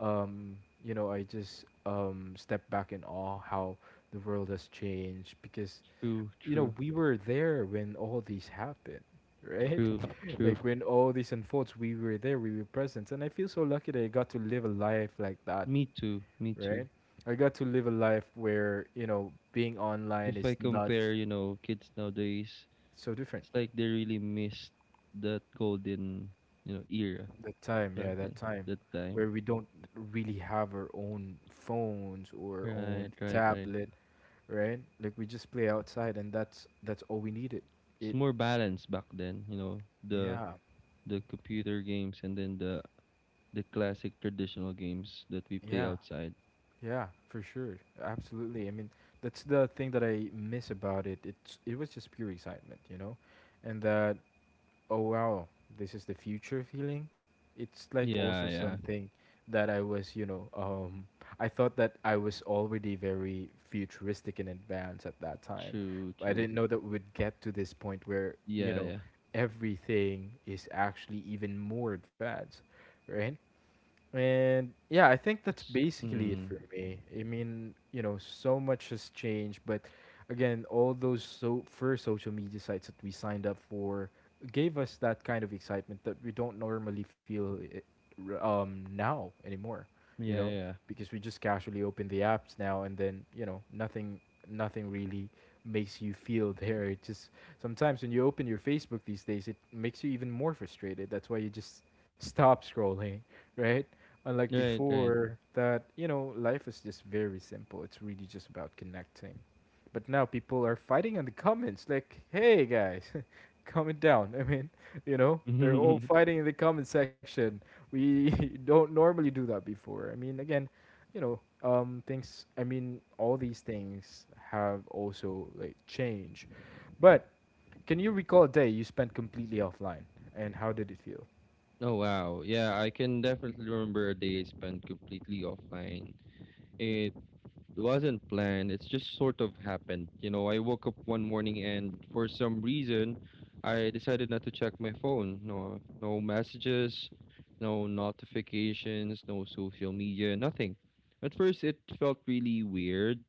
[SPEAKER 1] um you know, I just step back in awe how the world has changed because,
[SPEAKER 2] True,
[SPEAKER 1] you know,
[SPEAKER 2] true,
[SPEAKER 1] we were there when all these happened, right?
[SPEAKER 2] true, true.
[SPEAKER 1] Like when all this unfolds, we were there, we were present, and I feel so lucky that I got to live a life like that,
[SPEAKER 2] Me too, me too.
[SPEAKER 1] right? I got to live a life where, you know, being online
[SPEAKER 2] If I
[SPEAKER 1] is not
[SPEAKER 2] compare, you know, kids nowadays,
[SPEAKER 1] so different.
[SPEAKER 2] it's like they really missed that golden, you know, era
[SPEAKER 1] That time, yeah,
[SPEAKER 2] back
[SPEAKER 1] that
[SPEAKER 2] then,
[SPEAKER 1] time
[SPEAKER 2] that
[SPEAKER 1] where we
[SPEAKER 2] time.
[SPEAKER 1] don't really have our own phones or own
[SPEAKER 2] Right, right, right.
[SPEAKER 1] tablet, right? Like we just play outside, and that's all we needed.
[SPEAKER 2] It's
[SPEAKER 1] It,
[SPEAKER 2] more balanced back then, you know,
[SPEAKER 1] yeah,
[SPEAKER 2] the computer games and then the classic traditional games that we
[SPEAKER 1] yeah.
[SPEAKER 2] play outside.
[SPEAKER 1] Yeah, for sure. Absolutely. I mean, that's the thing that I miss about it. It was just pure excitement, you know? And that, oh wow, this is the future feeling. It's like also
[SPEAKER 2] Yeah, yeah.
[SPEAKER 1] something that I was, you know, I thought that I was already very futuristic in advance at that time.
[SPEAKER 2] True,
[SPEAKER 1] I
[SPEAKER 2] true.
[SPEAKER 1] didn't know that we'd get to this point where, you
[SPEAKER 2] Yeah,
[SPEAKER 1] know,
[SPEAKER 2] yeah.
[SPEAKER 1] everything is actually even more advanced, right? And yeah, I think that's
[SPEAKER 2] It's
[SPEAKER 1] basically it
[SPEAKER 2] mm,
[SPEAKER 1] for me. I mean, you know, so much has changed, but again, all those first social media sites that we signed up for gave us that kind of excitement that we don't normally feel it, now anymore, you
[SPEAKER 2] yeah,
[SPEAKER 1] know,
[SPEAKER 2] yeah.
[SPEAKER 1] because we just casually open the apps now and then, you know, nothing really makes you feel there. It just sometimes when you open your Facebook these days, it makes you even more frustrated. That's why you just stop scrolling right? Unlike
[SPEAKER 2] Right, right.
[SPEAKER 1] before, that, you know, life is just very simple. It's really just about connecting. But now people are fighting in the comments, like, hey guys, comment down. I mean, you know, they're all fighting in the comment section. We don't normally do that before. I mean, again, you know, things, I mean, all these things have also, like, changed. But can you recall a day you spent completely offline and how did it feel?
[SPEAKER 2] Oh wow. Yeah, I can definitely remember a day spent completely offline. It wasn't planned. It's just sort of happened. You know, I woke up one morning and for some reason, I decided not to check my phone. No, no messages, no notifications, no social media, nothing. At first, it felt really weird.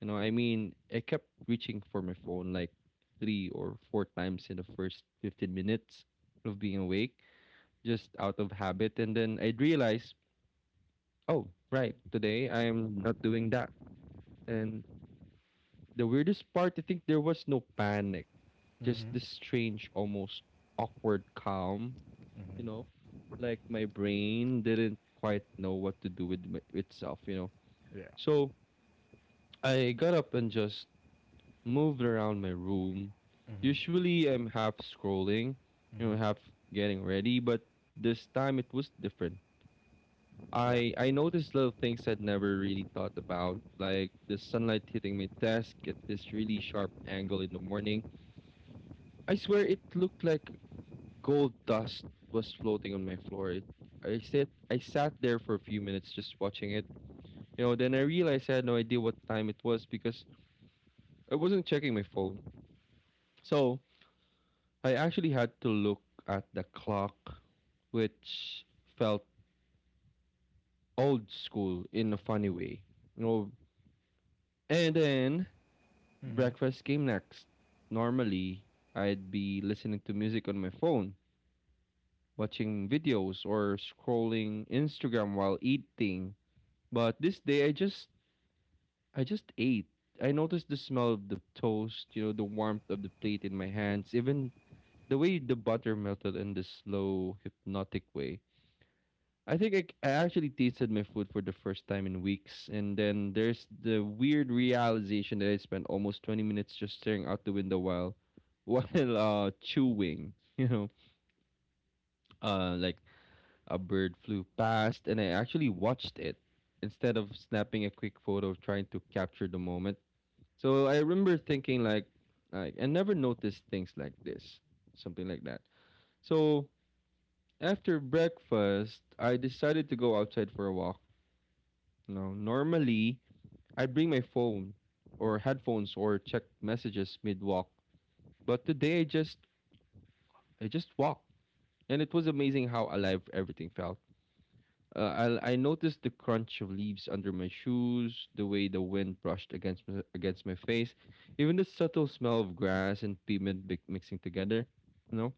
[SPEAKER 2] I kept reaching for my phone like three or four times in the first 15 minutes of being awake, just out of habit. And then I'd realize, oh, right, today I'm not doing that. And the weirdest part, I think there was no panic, just
[SPEAKER 1] Mm-hmm.
[SPEAKER 2] this strange, almost awkward calm, you know? Like my brain didn't quite know what to do with itself, you know?
[SPEAKER 1] Yeah.
[SPEAKER 2] So I got up and just moved around my room.
[SPEAKER 1] Mm-hmm.
[SPEAKER 2] Usually I'm half scrolling, you know, half getting ready, but this time it was different.
[SPEAKER 1] Yeah.
[SPEAKER 2] I noticed little things I'd never really thought about, like the sunlight hitting my desk at this really sharp angle in the morning. I swear it looked like gold dust was floating on my floor. It, I sat there for a few minutes just watching it. You know, then I realized I had no idea what time it was because I wasn't checking my phone. So I actually had to look at the clock, which felt old school in a funny way. You know, and then
[SPEAKER 1] Mm-hmm.
[SPEAKER 2] breakfast came next. Normally, I'd be listening to music on my phone watching videos or scrolling Instagram while eating. But this day I just ate. I noticed the smell of the toast, you know, the warmth of the plate in my hands, even the way the butter melted in the slow hypnotic way. I think I actually tasted my food for the first time in weeks, and then there's the weird realization that I spent almost 20 minutes just staring out the window while while chewing, you know, like a bird flew past, and I actually watched it instead of snapping a quick photo of trying to capture the moment. So I remember thinking like I never noticed things like this, something like that. So after breakfast, I decided to go outside for a walk. Now, normally I bring my phone or headphones or check messages mid walk, but today I just walked, and it was amazing how alive everything felt. I noticed the crunch of leaves under my shoes, the way the wind brushed against against my face, even the subtle smell of grass and pavement mixing together. You know,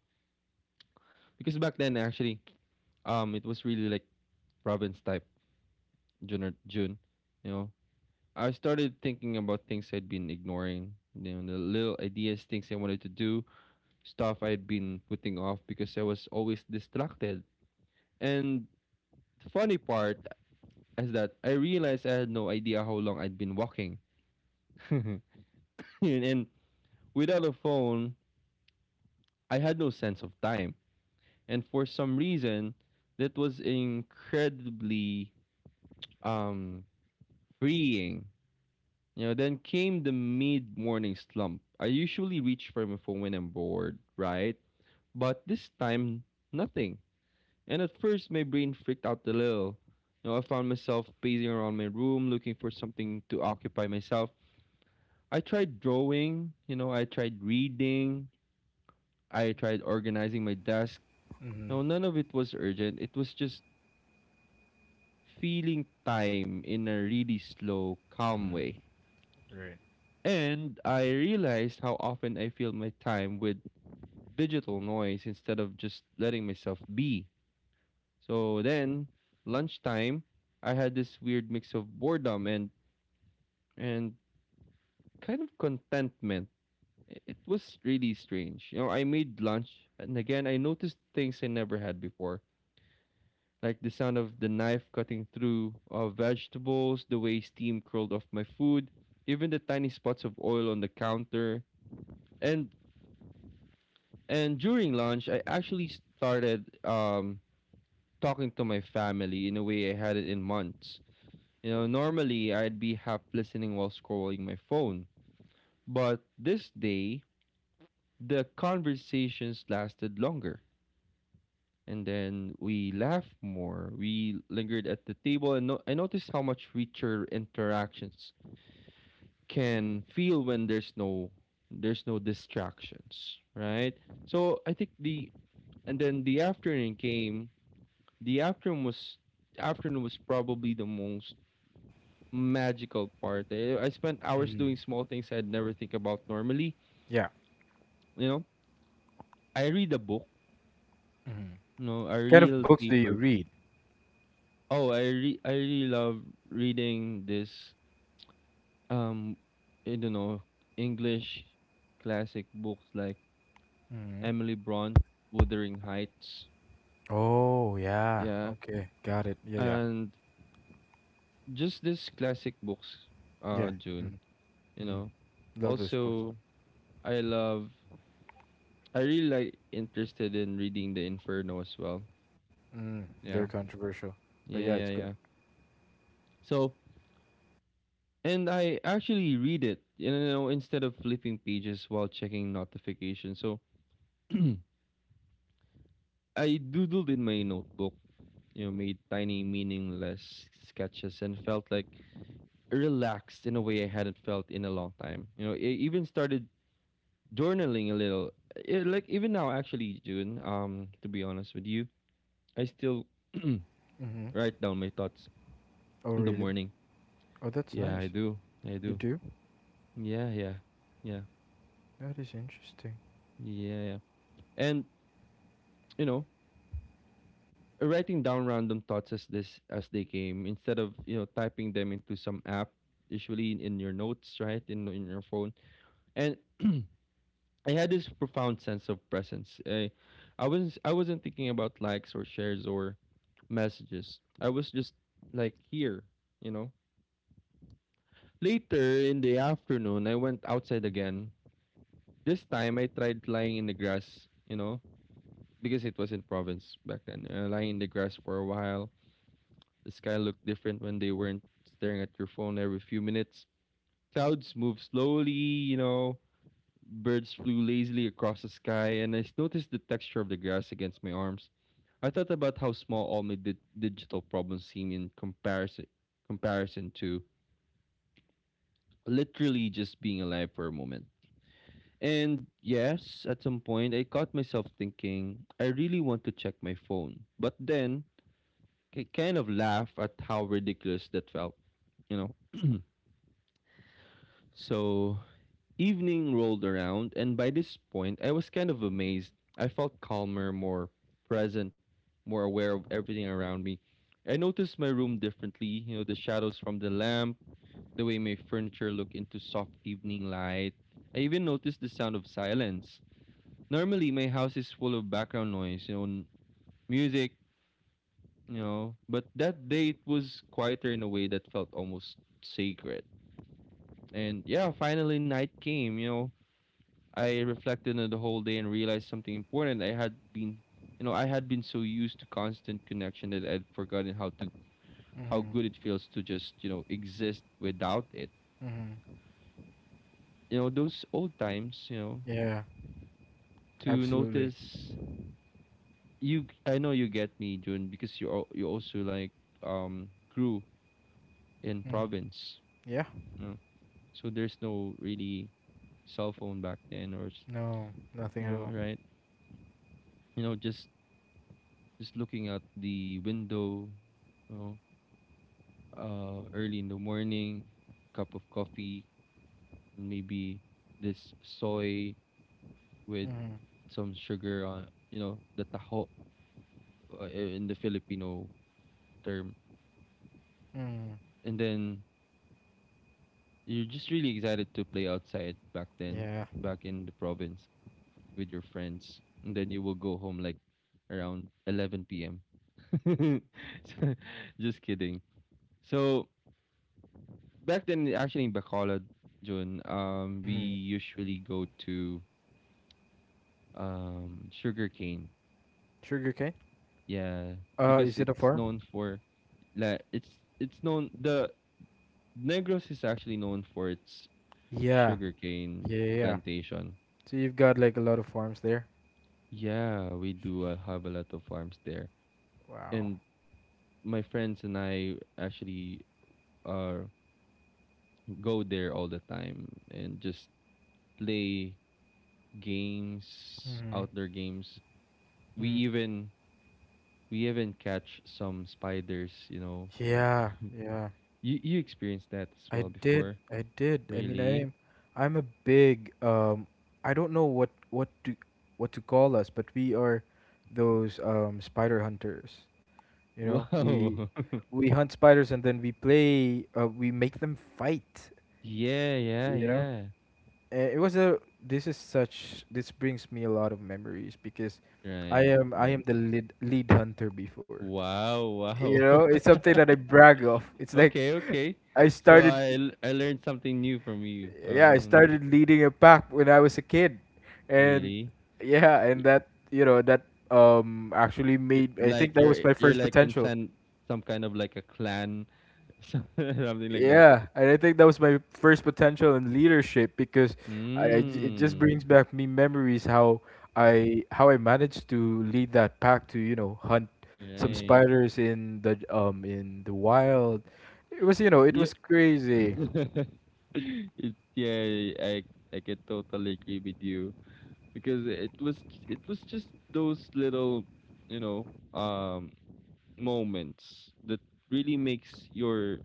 [SPEAKER 2] because back then actually, it was really like province type June, you know, I started thinking about things I'd been ignoring. You know, the little ideas, things I wanted to do, stuff I'd been putting off because I was always distracted. And the funny part as that, I realized I had no idea how long I'd been walking. and, and without a phone, I had no sense of time. And for some reason, that was incredibly um, freeing. You know, then came the mid morning slump. I usually reach for my phone when I'm bored, right? But this time, nothing. And at first, my brain freaked out a little. You know, I found myself pacing around my room looking for something to occupy myself. I tried drawing, you know, I tried reading, I tried organizing my desk.
[SPEAKER 1] Mm-hmm.
[SPEAKER 2] No, none of it was urgent. It was just feeling time in a really slow, calm way. And I realized how often I fill my time with digital noise instead of just letting myself be. So then, lunchtime, I had this weird mix of boredom and kind of contentment it was really strange. You know, I made lunch, and again, I noticed things I never had before, like the sound of the knife cutting through vegetables, the way steam curled off my food, even the tiny spots of oil on the counter. And and during lunch, I actually started talking to my family in a way I hadn't in months. You know, normally I'd be half listening while scrolling my phone, but this day the conversations lasted longer and then we laughed more. We lingered at the table, and I noticed how much richer interactions can feel when there's no distractions, right? So I think the And then the afternoon came. The afternoon was probably the most magical part. I spent hours
[SPEAKER 1] Mm.
[SPEAKER 2] doing small things I'd never think about normally.
[SPEAKER 1] Yeah.
[SPEAKER 2] You know, I read a book. No, know, a
[SPEAKER 1] Kind of
[SPEAKER 2] real
[SPEAKER 1] books do you
[SPEAKER 2] paper.
[SPEAKER 1] read?
[SPEAKER 2] Oh, I really love reading this. Um, I don't know, English classic books like
[SPEAKER 1] Hmm.
[SPEAKER 2] Emily Bront, Wuthering Heights.
[SPEAKER 1] Oh, yeah.
[SPEAKER 2] Yeah.
[SPEAKER 1] Okay. Got it. Yeah, yeah.
[SPEAKER 2] And just these classic books,
[SPEAKER 1] Yeah.
[SPEAKER 2] June,
[SPEAKER 1] Hmm.
[SPEAKER 2] you know.
[SPEAKER 1] Hmm. Love those books.
[SPEAKER 2] Also, I love, I really like interested in reading The Inferno as well.
[SPEAKER 1] Mm. They're
[SPEAKER 2] Yeah.
[SPEAKER 1] controversial. But yeah,
[SPEAKER 2] Yeah,
[SPEAKER 1] it's
[SPEAKER 2] yeah,
[SPEAKER 1] good.
[SPEAKER 2] yeah. So, and I actually read it, you know, instead of flipping pages while checking notifications. So, I doodled in my notebook, you know, made tiny, meaningless sketches and felt like relaxed in a way I hadn't felt in a long time. You know, I even started journaling a little. It, like even now, actually, June. To be honest with you, I still
[SPEAKER 1] Hmm.
[SPEAKER 2] write down my thoughts
[SPEAKER 1] Oh,
[SPEAKER 2] in the
[SPEAKER 1] really?
[SPEAKER 2] morning.
[SPEAKER 1] Oh, that's
[SPEAKER 2] Yeah, I
[SPEAKER 1] nice.
[SPEAKER 2] do. I
[SPEAKER 1] You
[SPEAKER 2] do.
[SPEAKER 1] do?
[SPEAKER 2] Yeah, yeah, yeah,
[SPEAKER 1] That is interesting.
[SPEAKER 2] yeah, yeah. And you know, writing down random thoughts as this as they came, instead of typing them into some app, usually in your notes, right in your phone. And I had this profound sense of presence. I wasn't thinking about likes or shares or messages. I was just like here, you know. Later in the afternoon, I went outside again. This time, I tried lying in the grass, you know, because it was in province back then. Lying in the grass for a while. The sky looked different when they weren't staring at your phone every few minutes. Clouds moved slowly, you know, birds flew lazily across the sky, and noticed the texture of the grass against my arms. I thought about how small all my digital problems seem in comparison to literally just being alive for a moment. And yes, at some point I caught myself thinking I really want to check my phone. But then I kind of laugh at how ridiculous that felt, you know. So, evening rolled around, and by this point, I was kind of amazed. I felt calmer, more present, more aware of everything around me. I noticed my room differently, you know, the shadows from the lamp, the way my furniture looked into soft evening light. I even noticed the sound of silence. Normally, my house is full of background noise, you know, music, but that day it was quieter in a way that felt almost sacred. And yeah, finally, night came. I reflected on the whole day and realized something important. I had been so used to constant connection that I'd forgotten how to how
[SPEAKER 1] Hmm.
[SPEAKER 2] good it feels to just exist without it.
[SPEAKER 1] Hmm.
[SPEAKER 2] You know, those old times,
[SPEAKER 1] Yeah,
[SPEAKER 2] to
[SPEAKER 1] absolutely.
[SPEAKER 2] notice you, I know you get me, June, because you also like grew in
[SPEAKER 1] Hmm.
[SPEAKER 2] province.
[SPEAKER 1] Yeah.
[SPEAKER 2] You know? So there's no really cell phone back then, or
[SPEAKER 1] No, nothing
[SPEAKER 2] you
[SPEAKER 1] at
[SPEAKER 2] know,
[SPEAKER 1] all.
[SPEAKER 2] right? You know, just looking out the window, you know, early in the morning, cup of coffee, and maybe this soy with
[SPEAKER 1] Hmm.
[SPEAKER 2] some sugar on, you know, the taho, uh, in the Filipino term.
[SPEAKER 1] Hmm.
[SPEAKER 2] And then you're just really excited to play outside back then,
[SPEAKER 1] Yeah.
[SPEAKER 2] back in the province with your friends. And then you will go home like around 11 p.m. So, just kidding. So back then, actually in Bacolod, June, we
[SPEAKER 1] Hmm.
[SPEAKER 2] usually go to sugarcane.
[SPEAKER 1] Sugarcane?
[SPEAKER 2] Yeah, because
[SPEAKER 1] Is it a
[SPEAKER 2] it's
[SPEAKER 1] farm?
[SPEAKER 2] known for, like, it's known, the Negros is actually known for its
[SPEAKER 1] Yeah.
[SPEAKER 2] sugarcane
[SPEAKER 1] Yeah, yeah. Yeah.
[SPEAKER 2] plantation.
[SPEAKER 1] So you've got like a lot of farms there.
[SPEAKER 2] Yeah, we do, have a lot of farms there.
[SPEAKER 1] Wow.
[SPEAKER 2] And my friends and I actually are go there all the time and just play games,
[SPEAKER 1] Mhm.
[SPEAKER 2] outdoor games. we
[SPEAKER 1] Mm.
[SPEAKER 2] even we even catch some spiders, you know.
[SPEAKER 1] Yeah, yeah.
[SPEAKER 2] You experienced that as
[SPEAKER 1] I
[SPEAKER 2] well
[SPEAKER 1] did.
[SPEAKER 2] before?
[SPEAKER 1] I did. I mean,
[SPEAKER 2] Really?
[SPEAKER 1] I'm a big I don't know what to call us, but we are those spider hunters, you know? We
[SPEAKER 2] Wow.
[SPEAKER 1] we hunt spiders, and then we play, we make them fight,
[SPEAKER 2] Yeah, yeah,
[SPEAKER 1] you know?
[SPEAKER 2] yeah.
[SPEAKER 1] It was a this is such this brings me a lot of memories because I
[SPEAKER 2] Right,
[SPEAKER 1] am I
[SPEAKER 2] right.
[SPEAKER 1] am the lead hunter before.
[SPEAKER 2] Wow,
[SPEAKER 1] You
[SPEAKER 2] wow.
[SPEAKER 1] know, it's something that I brag of. It's like,
[SPEAKER 2] Okay, okay.
[SPEAKER 1] I
[SPEAKER 2] So
[SPEAKER 1] started,
[SPEAKER 2] I learned something new from you.
[SPEAKER 1] yeah, I
[SPEAKER 2] You know,
[SPEAKER 1] started leading a pack when I was a kid, and
[SPEAKER 2] really?
[SPEAKER 1] yeah,
[SPEAKER 2] Y-
[SPEAKER 1] and that, you know, that actually made I think
[SPEAKER 2] Like
[SPEAKER 1] that was
[SPEAKER 2] you're
[SPEAKER 1] my
[SPEAKER 2] you're
[SPEAKER 1] first
[SPEAKER 2] like in
[SPEAKER 1] potential.
[SPEAKER 2] some kind of like a clan, something like that.
[SPEAKER 1] Yeah, and I think that was my first potential in leadership because, it just
[SPEAKER 2] Mm.
[SPEAKER 1] brings back me memories how I managed to lead that pack to, you know, hunt some
[SPEAKER 2] Right.
[SPEAKER 1] spiders in the wild. It was you know it
[SPEAKER 2] Yeah.
[SPEAKER 1] was crazy.
[SPEAKER 2] Yeah, I I can totally agree with you. Because it was just those little, you know um moments that really makes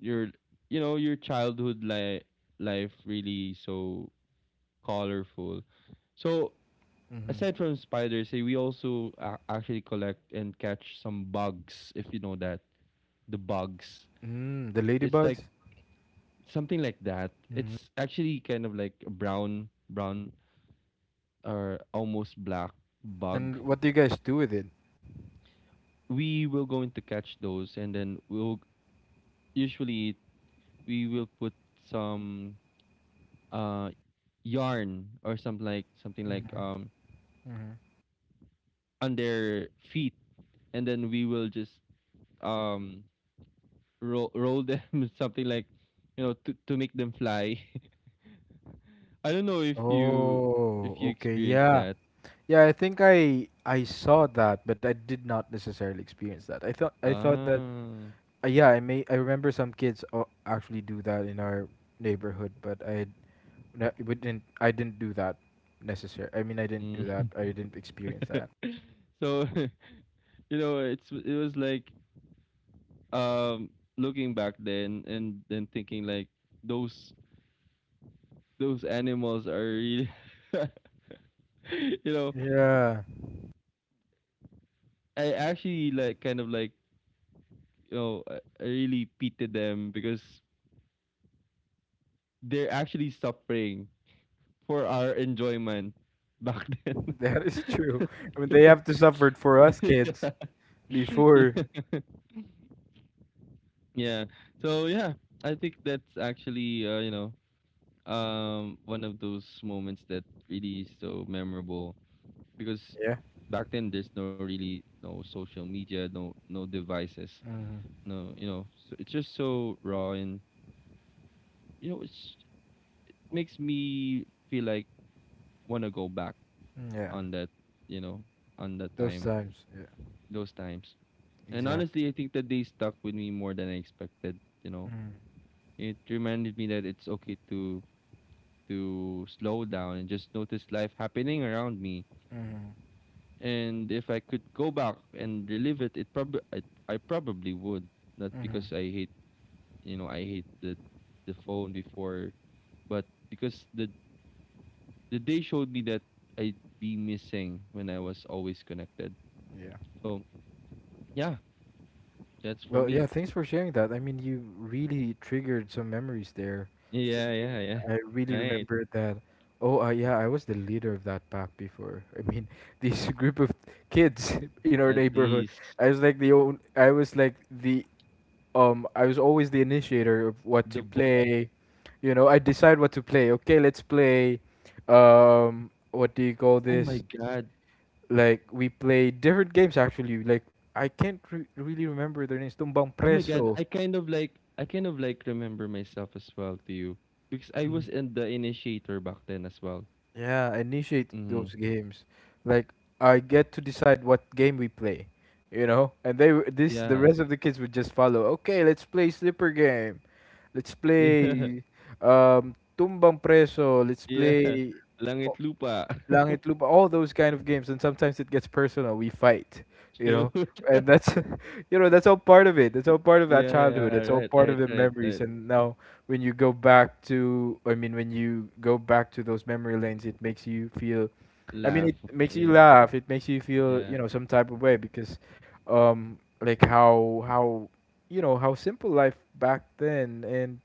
[SPEAKER 2] your your childhood, life really so colorful, so
[SPEAKER 1] Mm-hmm.
[SPEAKER 2] aside from spiders, we also actually collect and catch some bugs, if you know that. The bugs,
[SPEAKER 1] Mm, the
[SPEAKER 2] it's
[SPEAKER 1] ladybugs.
[SPEAKER 2] like something like that,
[SPEAKER 1] Mm-hmm.
[SPEAKER 2] it's actually kind of like a brown or almost black bug.
[SPEAKER 1] And what do you guys do with it?
[SPEAKER 2] We will going to catch those, and then usually we will put some uh yarn or something like,
[SPEAKER 1] Mm-hmm. Mm-hmm.
[SPEAKER 2] on their feet. And then we will just, um roll them. Something like, you know, to make them fly. I don't know if you
[SPEAKER 1] Oh, okay.
[SPEAKER 2] experience
[SPEAKER 1] Yeah.
[SPEAKER 2] that.
[SPEAKER 1] Yeah, I think I saw that, but I did not necessarily experience that. I thought that,
[SPEAKER 2] ah
[SPEAKER 1] yeah, I remember some kids, actually do that in our neighborhood, but I, no, we didn't, I didn't do that necessary. I mean, I didn't do that.
[SPEAKER 2] mm.
[SPEAKER 1] I didn't experience that.
[SPEAKER 2] So you know, it was like, um looking back then and then thinking like those those animals are really you know,
[SPEAKER 1] Yeah.
[SPEAKER 2] I actually like, kind of like, I really pitied them, because they're actually suffering for our enjoyment back then.
[SPEAKER 1] That is true. I mean, they have to suffer for us
[SPEAKER 2] Yeah.
[SPEAKER 1] kids before.
[SPEAKER 2] Yeah, yeah, so yeah, I think that's actually, one of those moments that really is so memorable, because back then there's no really, no social media, no, devices.
[SPEAKER 1] Mhm.
[SPEAKER 2] No, so it's just so raw and, you know, it's, it makes me feel like want to go back
[SPEAKER 1] Mm, yeah,
[SPEAKER 2] on you know, that
[SPEAKER 1] those
[SPEAKER 2] time,
[SPEAKER 1] times. Yeah,
[SPEAKER 2] those times. And
[SPEAKER 1] exactly.
[SPEAKER 2] honestly, I think that they stuck with me more than I expected.
[SPEAKER 1] Mhm.
[SPEAKER 2] It reminded me that it's okay to slow down and just notice life happening around me.
[SPEAKER 1] Mhm.
[SPEAKER 2] And if I could go back and relive it, I probably would. Not
[SPEAKER 1] Mhm.
[SPEAKER 2] because I hate the phone before, but because the day showed me that I'd be missing when I was always connected.
[SPEAKER 1] Yeah.
[SPEAKER 2] So yeah, that's for
[SPEAKER 1] Well, yeah.
[SPEAKER 2] me.
[SPEAKER 1] Thanks for sharing that. I mean, you really triggered some memories there for
[SPEAKER 2] Yeah,
[SPEAKER 1] me.
[SPEAKER 2] yeah, yeah.
[SPEAKER 1] I really
[SPEAKER 2] Right.
[SPEAKER 1] remember that. Oh, yeah. I was the leader of that pack before. I mean, this group of kids in our
[SPEAKER 2] At
[SPEAKER 1] neighborhood.
[SPEAKER 2] least
[SPEAKER 1] I was like the own. I was like the I was always the initiator of what
[SPEAKER 2] the
[SPEAKER 1] to
[SPEAKER 2] bo-
[SPEAKER 1] play. You know, I decide what to play. Okay, let's play, what do you call
[SPEAKER 2] oh my
[SPEAKER 1] this?
[SPEAKER 2] god.
[SPEAKER 1] Like we play different games actually. Like I can't really remember their names. Tumbang
[SPEAKER 2] Oh my god.
[SPEAKER 1] Preso.
[SPEAKER 2] I kind of like remember myself as well to you, because I was in the initiator back then as well.
[SPEAKER 1] Yeah, I initiate
[SPEAKER 2] Mm-hmm.
[SPEAKER 1] those games. Like I get to decide what game we play, you know? And they w- this the
[SPEAKER 2] Yeah.
[SPEAKER 1] rest of the kids would just follow. Okay, let's play slipper game. Let's play tumbang preso. Let's
[SPEAKER 2] Yeah. Yeah.
[SPEAKER 1] play. Oh,
[SPEAKER 2] Langit lupa.
[SPEAKER 1] Langit Lupa, all those kind of games, and sometimes it gets personal. We fight, you
[SPEAKER 2] True.
[SPEAKER 1] know, and that's, that's all part of it. That's all part of that
[SPEAKER 2] Yeah, yeah,
[SPEAKER 1] childhood. That's
[SPEAKER 2] right,
[SPEAKER 1] all part
[SPEAKER 2] right,
[SPEAKER 1] of the
[SPEAKER 2] right, right.
[SPEAKER 1] memories. And now, when you go back to, I mean, when you go back to those memory lanes, it makes you feel. I mean, it
[SPEAKER 2] Laugh.
[SPEAKER 1] makes you
[SPEAKER 2] Yeah.
[SPEAKER 1] laugh. It makes you feel,
[SPEAKER 2] Yeah.
[SPEAKER 1] you know, some type of way because, like, how simple life back then, and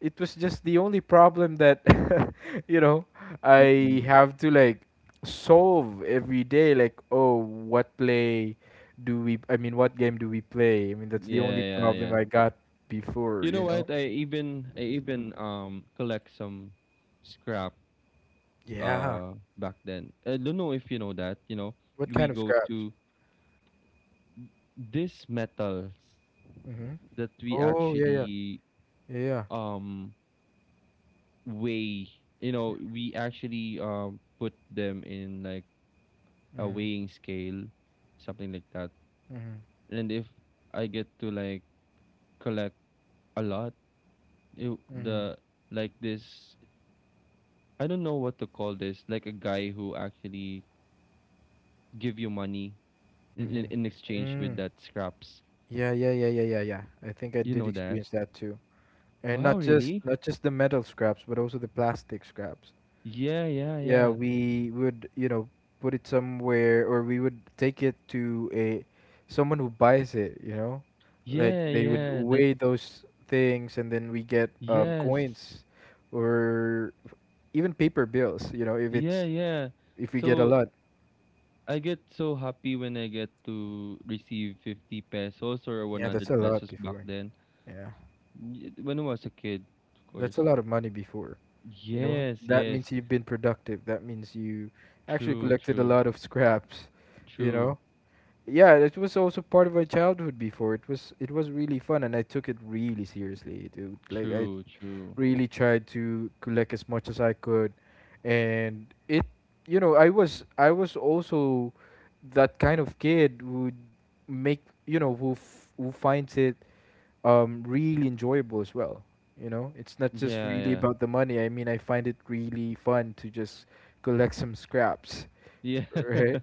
[SPEAKER 1] it was just the only problem that, you know,
[SPEAKER 2] Mhm.
[SPEAKER 1] I have to like solve every day, like, oh, what, play do we I mean, what game do we play? I mean, that's the
[SPEAKER 2] Yeah,
[SPEAKER 1] only
[SPEAKER 2] yeah,
[SPEAKER 1] problem
[SPEAKER 2] yeah.
[SPEAKER 1] I got before
[SPEAKER 2] You know
[SPEAKER 1] you know
[SPEAKER 2] what? I even collect some scrap,
[SPEAKER 1] Yeah,
[SPEAKER 2] back then. I don't know if you know that. You know,
[SPEAKER 1] what
[SPEAKER 2] we
[SPEAKER 1] kind of
[SPEAKER 2] go
[SPEAKER 1] scraps?
[SPEAKER 2] to these metals
[SPEAKER 1] Mm-hmm.
[SPEAKER 2] that we
[SPEAKER 1] Oh, yeah, yeah,
[SPEAKER 2] actually,
[SPEAKER 1] yeah, yeah.
[SPEAKER 2] um weigh, you know, we actually, put them in like a
[SPEAKER 1] Mm-hmm.
[SPEAKER 2] weighing scale, something like that.
[SPEAKER 1] Mm-hmm.
[SPEAKER 2] And if I get to like collect a lot, it,
[SPEAKER 1] Mm-hmm.
[SPEAKER 2] the like this I don't know what to call this, like a guy who actually give you money in
[SPEAKER 1] Mm-hmm.
[SPEAKER 2] exchange
[SPEAKER 1] Mm.
[SPEAKER 2] with that scraps.
[SPEAKER 1] Yeah, yeah, yeah, yeah, yeah, yeah, I think I
[SPEAKER 2] You know
[SPEAKER 1] did
[SPEAKER 2] that?
[SPEAKER 1] experience that too, and
[SPEAKER 2] Wow,
[SPEAKER 1] not just
[SPEAKER 2] really?
[SPEAKER 1] not just the metal scraps but also the plastic scraps.
[SPEAKER 2] Yeah, yeah,
[SPEAKER 1] Yeah,
[SPEAKER 2] yeah.
[SPEAKER 1] we would, you know, put it somewhere, or we would take it to a someone who buys it, you know, like
[SPEAKER 2] Yeah,
[SPEAKER 1] they would
[SPEAKER 2] yeah. That's
[SPEAKER 1] weigh those things, and then we get,
[SPEAKER 2] yes.
[SPEAKER 1] coins, or even paper bills, you know if
[SPEAKER 2] Yeah,
[SPEAKER 1] it's
[SPEAKER 2] yeah.
[SPEAKER 1] if we get a
[SPEAKER 2] So
[SPEAKER 1] lot.
[SPEAKER 2] I get so happy when I get to receive 50 pesos or
[SPEAKER 1] Yeah, that's
[SPEAKER 2] 100
[SPEAKER 1] a lot
[SPEAKER 2] pesos back
[SPEAKER 1] before.
[SPEAKER 2] then.
[SPEAKER 1] Yeah,
[SPEAKER 2] When I was a kid, of
[SPEAKER 1] that's a
[SPEAKER 2] course.
[SPEAKER 1] lot of money before, you know,
[SPEAKER 2] Yes,
[SPEAKER 1] that means
[SPEAKER 2] yes.
[SPEAKER 1] you've been productive, that means you actually
[SPEAKER 2] True,
[SPEAKER 1] collected a
[SPEAKER 2] true,
[SPEAKER 1] lot of scraps, you
[SPEAKER 2] true,
[SPEAKER 1] know. Yeah, it was also part of my childhood before. It was really fun, and I took it really seriously, dude. Like I
[SPEAKER 2] true, true.
[SPEAKER 1] really tried to collect as much as I could, and, it, you know, I was also that kind of kid who, make you know who f- who finds it really enjoyable as well. You know, it's not just really
[SPEAKER 2] Yeah,
[SPEAKER 1] about the money. I mean, I find it really fun to just collect some scraps,
[SPEAKER 2] yeah. Yeah.
[SPEAKER 1] right?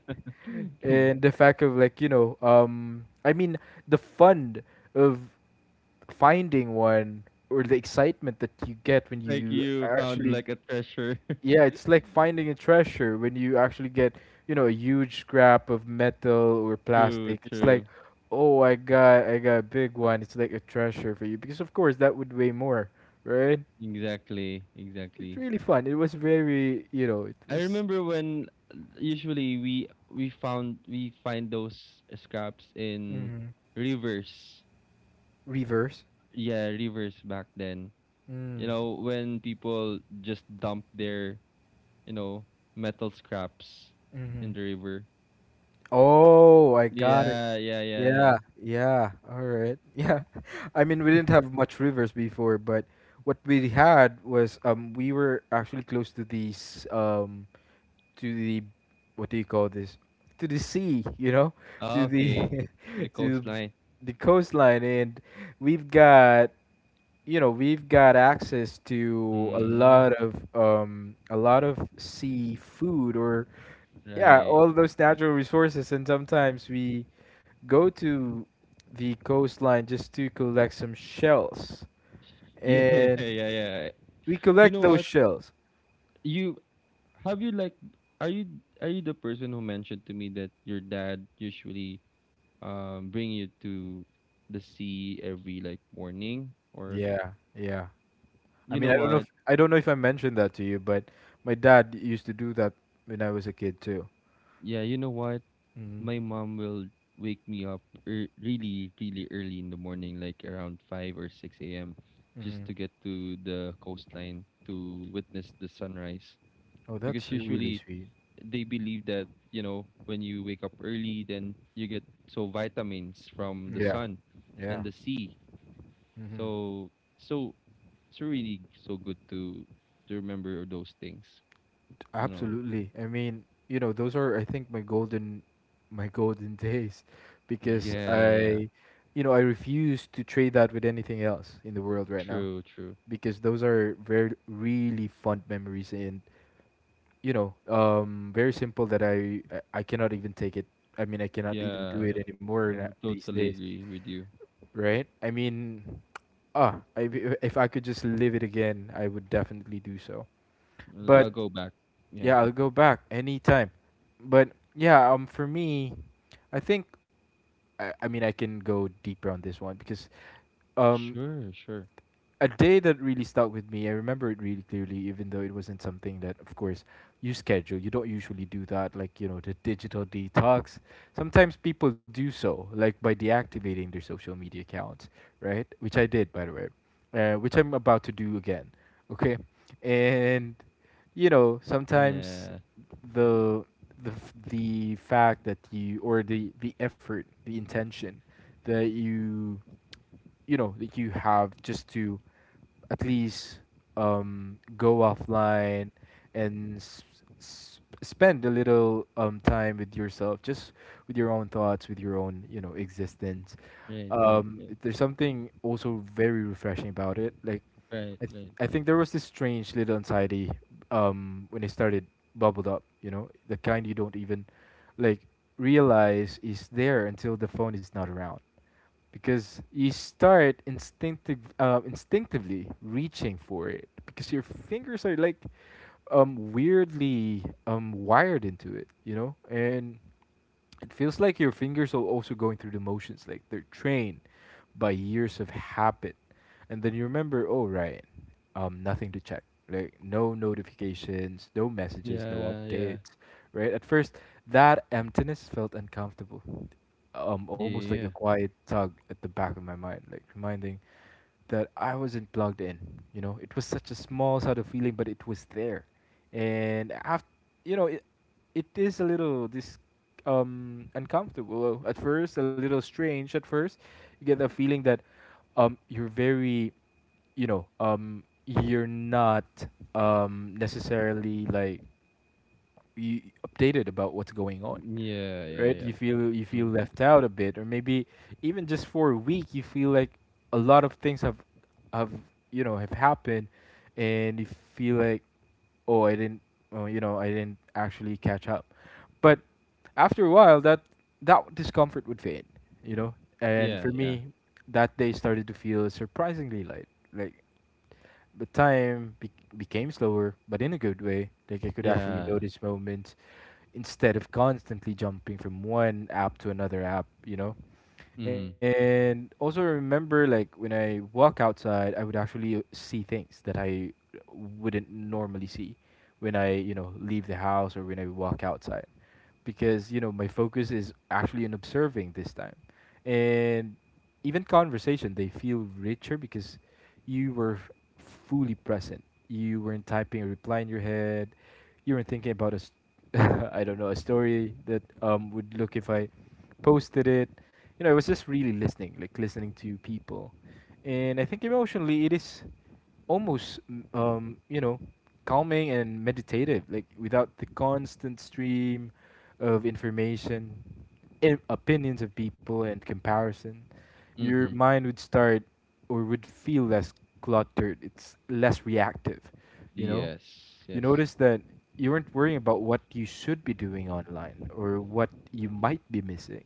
[SPEAKER 1] And the fact of, like, you know, I mean, the fun of finding one, or the excitement that you get when
[SPEAKER 2] Like
[SPEAKER 1] you
[SPEAKER 2] you found
[SPEAKER 1] actually,
[SPEAKER 2] like a treasure.
[SPEAKER 1] yeah, it's like finding a treasure when you actually get, you know, a huge scrap of metal or
[SPEAKER 2] True,
[SPEAKER 1] plastic. It's
[SPEAKER 2] true.
[SPEAKER 1] like, oh, I got a big one. It's like a treasure for you because, of course, that would weigh more, right?
[SPEAKER 2] Exactly,
[SPEAKER 1] It's
[SPEAKER 2] exactly.
[SPEAKER 1] really fun. It was very you know it
[SPEAKER 2] I
[SPEAKER 1] was
[SPEAKER 2] remember when, usually we find those scraps in
[SPEAKER 1] Mm-hmm.
[SPEAKER 2] rivers.
[SPEAKER 1] Reverse.
[SPEAKER 2] Yeah, rivers back then.
[SPEAKER 1] Mm-hmm.
[SPEAKER 2] You know, when people just dump their, you know, metal scraps in the river.
[SPEAKER 1] Oh, I got it.
[SPEAKER 2] Yeah, yeah, yeah,
[SPEAKER 1] Yeah,
[SPEAKER 2] yeah.
[SPEAKER 1] yeah. All right. Yeah. I mean, we didn't have much rivers before, but what we had was, we were actually close to these, to the, what do you call this? To the sea, you know?
[SPEAKER 2] Ah,
[SPEAKER 1] To
[SPEAKER 2] okay.
[SPEAKER 1] the
[SPEAKER 2] The
[SPEAKER 1] to
[SPEAKER 2] coastline.
[SPEAKER 1] the coastline, and we've got we've got access to a
[SPEAKER 2] Mm,
[SPEAKER 1] lot of um a lot of seafood, or yeah,
[SPEAKER 2] right.
[SPEAKER 1] all those natural resources, and sometimes we go to the coastline just to collect some shells.
[SPEAKER 2] Yeah, yeah,
[SPEAKER 1] And
[SPEAKER 2] yeah, yeah.
[SPEAKER 1] we
[SPEAKER 2] You
[SPEAKER 1] collect
[SPEAKER 2] know
[SPEAKER 1] those
[SPEAKER 2] what?
[SPEAKER 1] shells.
[SPEAKER 2] You have you like are you are you the person who mentioned to me that your dad usually, bring you to the sea every like morning, or
[SPEAKER 1] Yeah, yeah. I
[SPEAKER 2] you
[SPEAKER 1] mean,
[SPEAKER 2] know
[SPEAKER 1] I don't know
[SPEAKER 2] what
[SPEAKER 1] if I don't know if I mentioned that to you, but my dad used to do that when I was a kid too.
[SPEAKER 2] yeah, you know what,
[SPEAKER 1] Hmm.
[SPEAKER 2] my mom will wake me up, really really early in the morning, like around 5 or 6 a.m, just
[SPEAKER 1] Hmm.
[SPEAKER 2] to get to the coastline to witness the sunrise.
[SPEAKER 1] Oh,
[SPEAKER 2] Because
[SPEAKER 1] that's really
[SPEAKER 2] usually
[SPEAKER 1] sweet.
[SPEAKER 2] they believe that, you know, when you wake up early, then you get so vitamins from the
[SPEAKER 1] Yeah,
[SPEAKER 2] sun and
[SPEAKER 1] yeah.
[SPEAKER 2] the sea.
[SPEAKER 1] Hmm.
[SPEAKER 2] So, so it's really so good to remember those things, you know.
[SPEAKER 1] Absolutely. I mean, you know, those are, I think, my golden, my golden days, because,
[SPEAKER 2] Yeah, yeah.
[SPEAKER 1] I refuse to trade that with anything else in the world right now.
[SPEAKER 2] True, true.
[SPEAKER 1] Because those are very really fond memories, and, very simple, that I cannot even take it. I mean, I cannot even do
[SPEAKER 2] Yeah,
[SPEAKER 1] it anymore,
[SPEAKER 2] I would
[SPEAKER 1] these
[SPEAKER 2] totally
[SPEAKER 1] days,
[SPEAKER 2] agree with you.
[SPEAKER 1] right? I mean, ah I, if I could just live it again, I would definitely do so. But
[SPEAKER 2] I'll go back. Yeah.
[SPEAKER 1] yeah, I'll go back anytime. But yeah, for me, I think, I mean, I can go deeper on this one because, um
[SPEAKER 2] Sure, sure.
[SPEAKER 1] a day that really stuck with me, I remember it really clearly, even though it wasn't something that, of course, you schedule. You don't usually do that, like, you know, the digital detox. Sometimes people do so, like by deactivating their social media accounts, right? Which I did, by the way, which I'm about to do again, okay? And, you know, sometimes
[SPEAKER 2] Yeah.
[SPEAKER 1] the. the fact that you, or the effort, the intention that you that you have, just to at least, go offline and spend a little, time with yourself, just with your own thoughts, with your own, existence.
[SPEAKER 2] Right, right, right,
[SPEAKER 1] There's something also very refreshing about it. Like,
[SPEAKER 2] right, right.
[SPEAKER 1] I think there was this strange little anxiety, when it started, bubbled up. You know, the kind you don't even, like, realize is there until the phone is not around, because you start instinctively reaching for it, because your fingers are like, weirdly, wired into it, and it feels like your fingers are also going through the motions, like they're trained by years of habit. And then you remember, oh, right, nothing to check, like, no notifications, no messages, no
[SPEAKER 2] Yeah, yeah,
[SPEAKER 1] updates, right? At first, that emptiness felt uncomfortable,
[SPEAKER 2] yeah,
[SPEAKER 1] almost like a
[SPEAKER 2] yeah,
[SPEAKER 1] quiet tug at the back of my mind, like reminding, that I wasn't plugged in. You know, it was such a small sort of feeling, but it was there. And after, you know, it is a little this uncomfortable at first, a little strange at first. You get the feeling that, um you're very, you're not necessarily like you updated about what's going on,
[SPEAKER 2] yeah, yeah,
[SPEAKER 1] right?
[SPEAKER 2] yeah.
[SPEAKER 1] You feel,
[SPEAKER 2] Mhm.
[SPEAKER 1] left out a bit, or maybe even just for a week, you feel like a lot of things have have happened, and you feel like, oh I didn't oh, I didn't actually catch up, but after a while that, discomfort would fade, you know. And
[SPEAKER 2] Yeah,
[SPEAKER 1] for
[SPEAKER 2] yeah.
[SPEAKER 1] me, that day started to feel surprisingly light, like the time, became slower, but in a good way. Like I could actually
[SPEAKER 2] Yeah.
[SPEAKER 1] notice moments instead of constantly jumping from one app to another app, you know?
[SPEAKER 2] Mm.
[SPEAKER 1] And also remember, like, when I walk outside, I would actually see things that I wouldn't normally see when I, you know, leave the house or when I walk outside because you know my focus is actually in observing this time. And even conversation they feel richer because you were f- fully present you weren't typing a reply in your head. You weren't thinking about I don't know, a story that would look if I posted it. You know, I was just really listening, like listening to people. And I think emotionally it is almost you know, calming and meditative, like without the constant stream of information, opinions of people and comparison. Your
[SPEAKER 2] Mm.
[SPEAKER 1] mind would start, or would feel less cluttered. It's less reactive, you know.
[SPEAKER 2] Yes.
[SPEAKER 1] You
[SPEAKER 2] Yes.
[SPEAKER 1] notice that you weren't worrying about what you should be doing online or what you might be missing.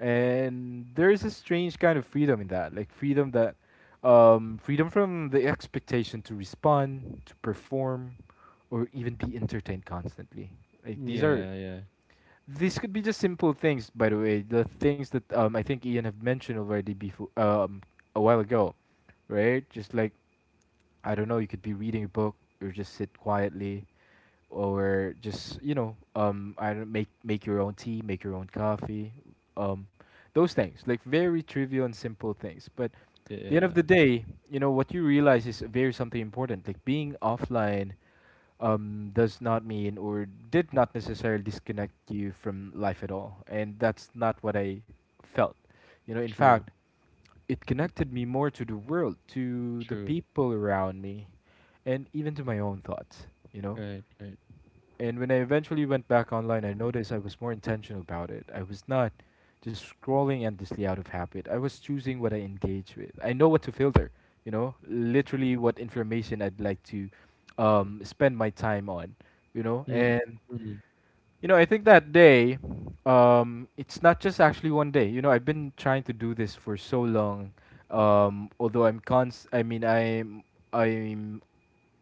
[SPEAKER 1] And there is a strange kind of freedom in that, like freedom that freedom from the expectation to respond, to perform, or even be entertained constantly. Like these are,
[SPEAKER 2] Yeah. Yeah.
[SPEAKER 1] these could be just simple things, by the way, the things that I think Ian have mentioned already before, a while ago, right? Just like, I don't know, you could be reading a book, or just sit quietly, or just, you know, I don't make your own tea, make your own coffee, um those things, like very trivial and simple things. But
[SPEAKER 2] Yeah.
[SPEAKER 1] the end
[SPEAKER 2] Yeah.
[SPEAKER 1] of the day, you know what you realize is very something important. Like being offline does not mean or did not necessarily disconnect you from life at all, and that's not what I felt. You know, in
[SPEAKER 2] True.
[SPEAKER 1] fact, it connected me more to the world, to the
[SPEAKER 2] True.
[SPEAKER 1] people around me, and even to my own thoughts. You know,
[SPEAKER 2] Right. Right.
[SPEAKER 1] and when I eventually went back online, I noticed I was more intentional about it. I was not just scrolling endlessly out of habit. I was choosing what I engage with. I know what to filter, you know, literally what information I'd like to spend my time on, you know.
[SPEAKER 2] Mm.
[SPEAKER 1] And,
[SPEAKER 2] Mm.
[SPEAKER 1] you know, I think that day, it's not just actually one day. You know, I've been trying to do this for so long. I mean, I'm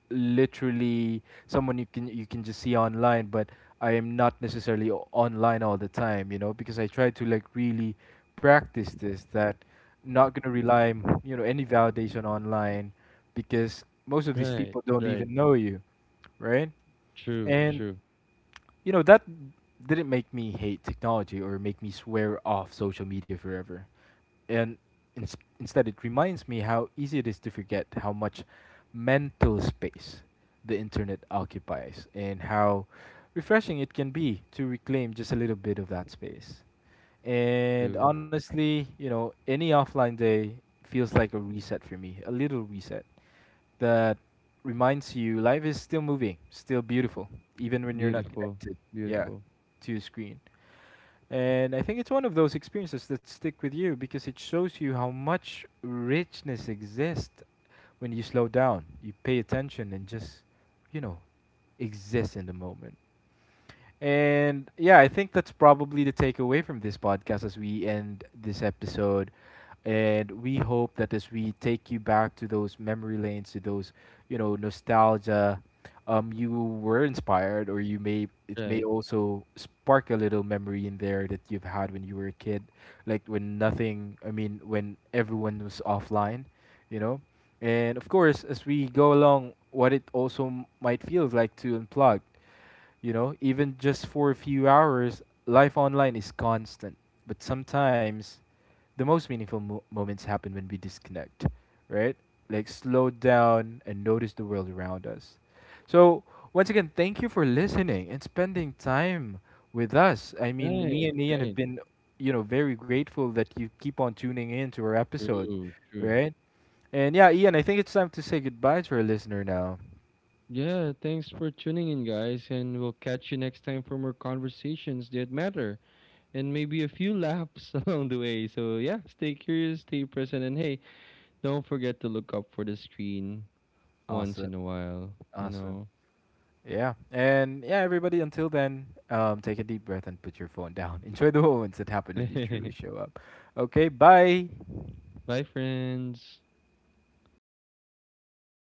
[SPEAKER 1] literally someone you can just see online, but I am not necessarily online all the time, you know, because I try to, like, really practice this, that not going to rely you know any validation online, because most of these
[SPEAKER 2] Right.
[SPEAKER 1] people don't
[SPEAKER 2] Right.
[SPEAKER 1] even know you, right?
[SPEAKER 2] True.
[SPEAKER 1] And
[SPEAKER 2] True.
[SPEAKER 1] you know that didn't make me hate technology or make me swear off social media forever. And instead it reminds me how easy it is to forget how much mental space the internet occupies, and how refreshing it can be to reclaim just a little bit of that space. And
[SPEAKER 2] True.
[SPEAKER 1] honestly, you know, any offline day feels like a reset for me, a little reset that reminds you life is still moving, still beautiful, even when you're not
[SPEAKER 2] Beautiful.
[SPEAKER 1] connected. Yeah,
[SPEAKER 2] Beautiful.
[SPEAKER 1] to a screen. And I think it's one of those experiences that stick with you because it shows you how much richness exists when you slow down, you pay attention, and just, you know, exist in the moment. And yeah, I think that's probably the takeaway from this podcast as we end this episode. And we hope that as we take you back to those memory lanes, to those, you know, nostalgia, you were inspired, or you may, it may
[SPEAKER 2] Right.
[SPEAKER 1] also spark a little memory in there that you've had when you were a kid, like when nothing, I mean, when everyone was offline, you know. And of course, as we go along, what it also might feel like to unplug, you know, even just for a few hours, life online is constant. But sometimes the most meaningful moments happen when we disconnect, right? Like slow down and notice the world around us. So, once again, thank you for listening and spending time with us. I mean,
[SPEAKER 2] Right.
[SPEAKER 1] me and Ian have
[SPEAKER 2] Right.
[SPEAKER 1] been, you know, very grateful that you keep on tuning in to our episodes,
[SPEAKER 2] True. True.
[SPEAKER 1] right? And yeah, Ian, I think it's time to say goodbye to our listener now.
[SPEAKER 2] Yeah. Thanks for tuning in, guys, and we'll catch you next time for more conversations that matter and maybe a few laughs along the way. So yeah, stay curious, stay present, and hey, don't forget to look up for the screen once
[SPEAKER 1] Awesome.
[SPEAKER 2] in a while, you
[SPEAKER 1] Awesome.
[SPEAKER 2] know.
[SPEAKER 1] Yeah. And yeah, everybody, until then, take a deep breath and put your phone down. Enjoy the moments that happen when you truly show up. Okay, bye.
[SPEAKER 2] Bye, friends.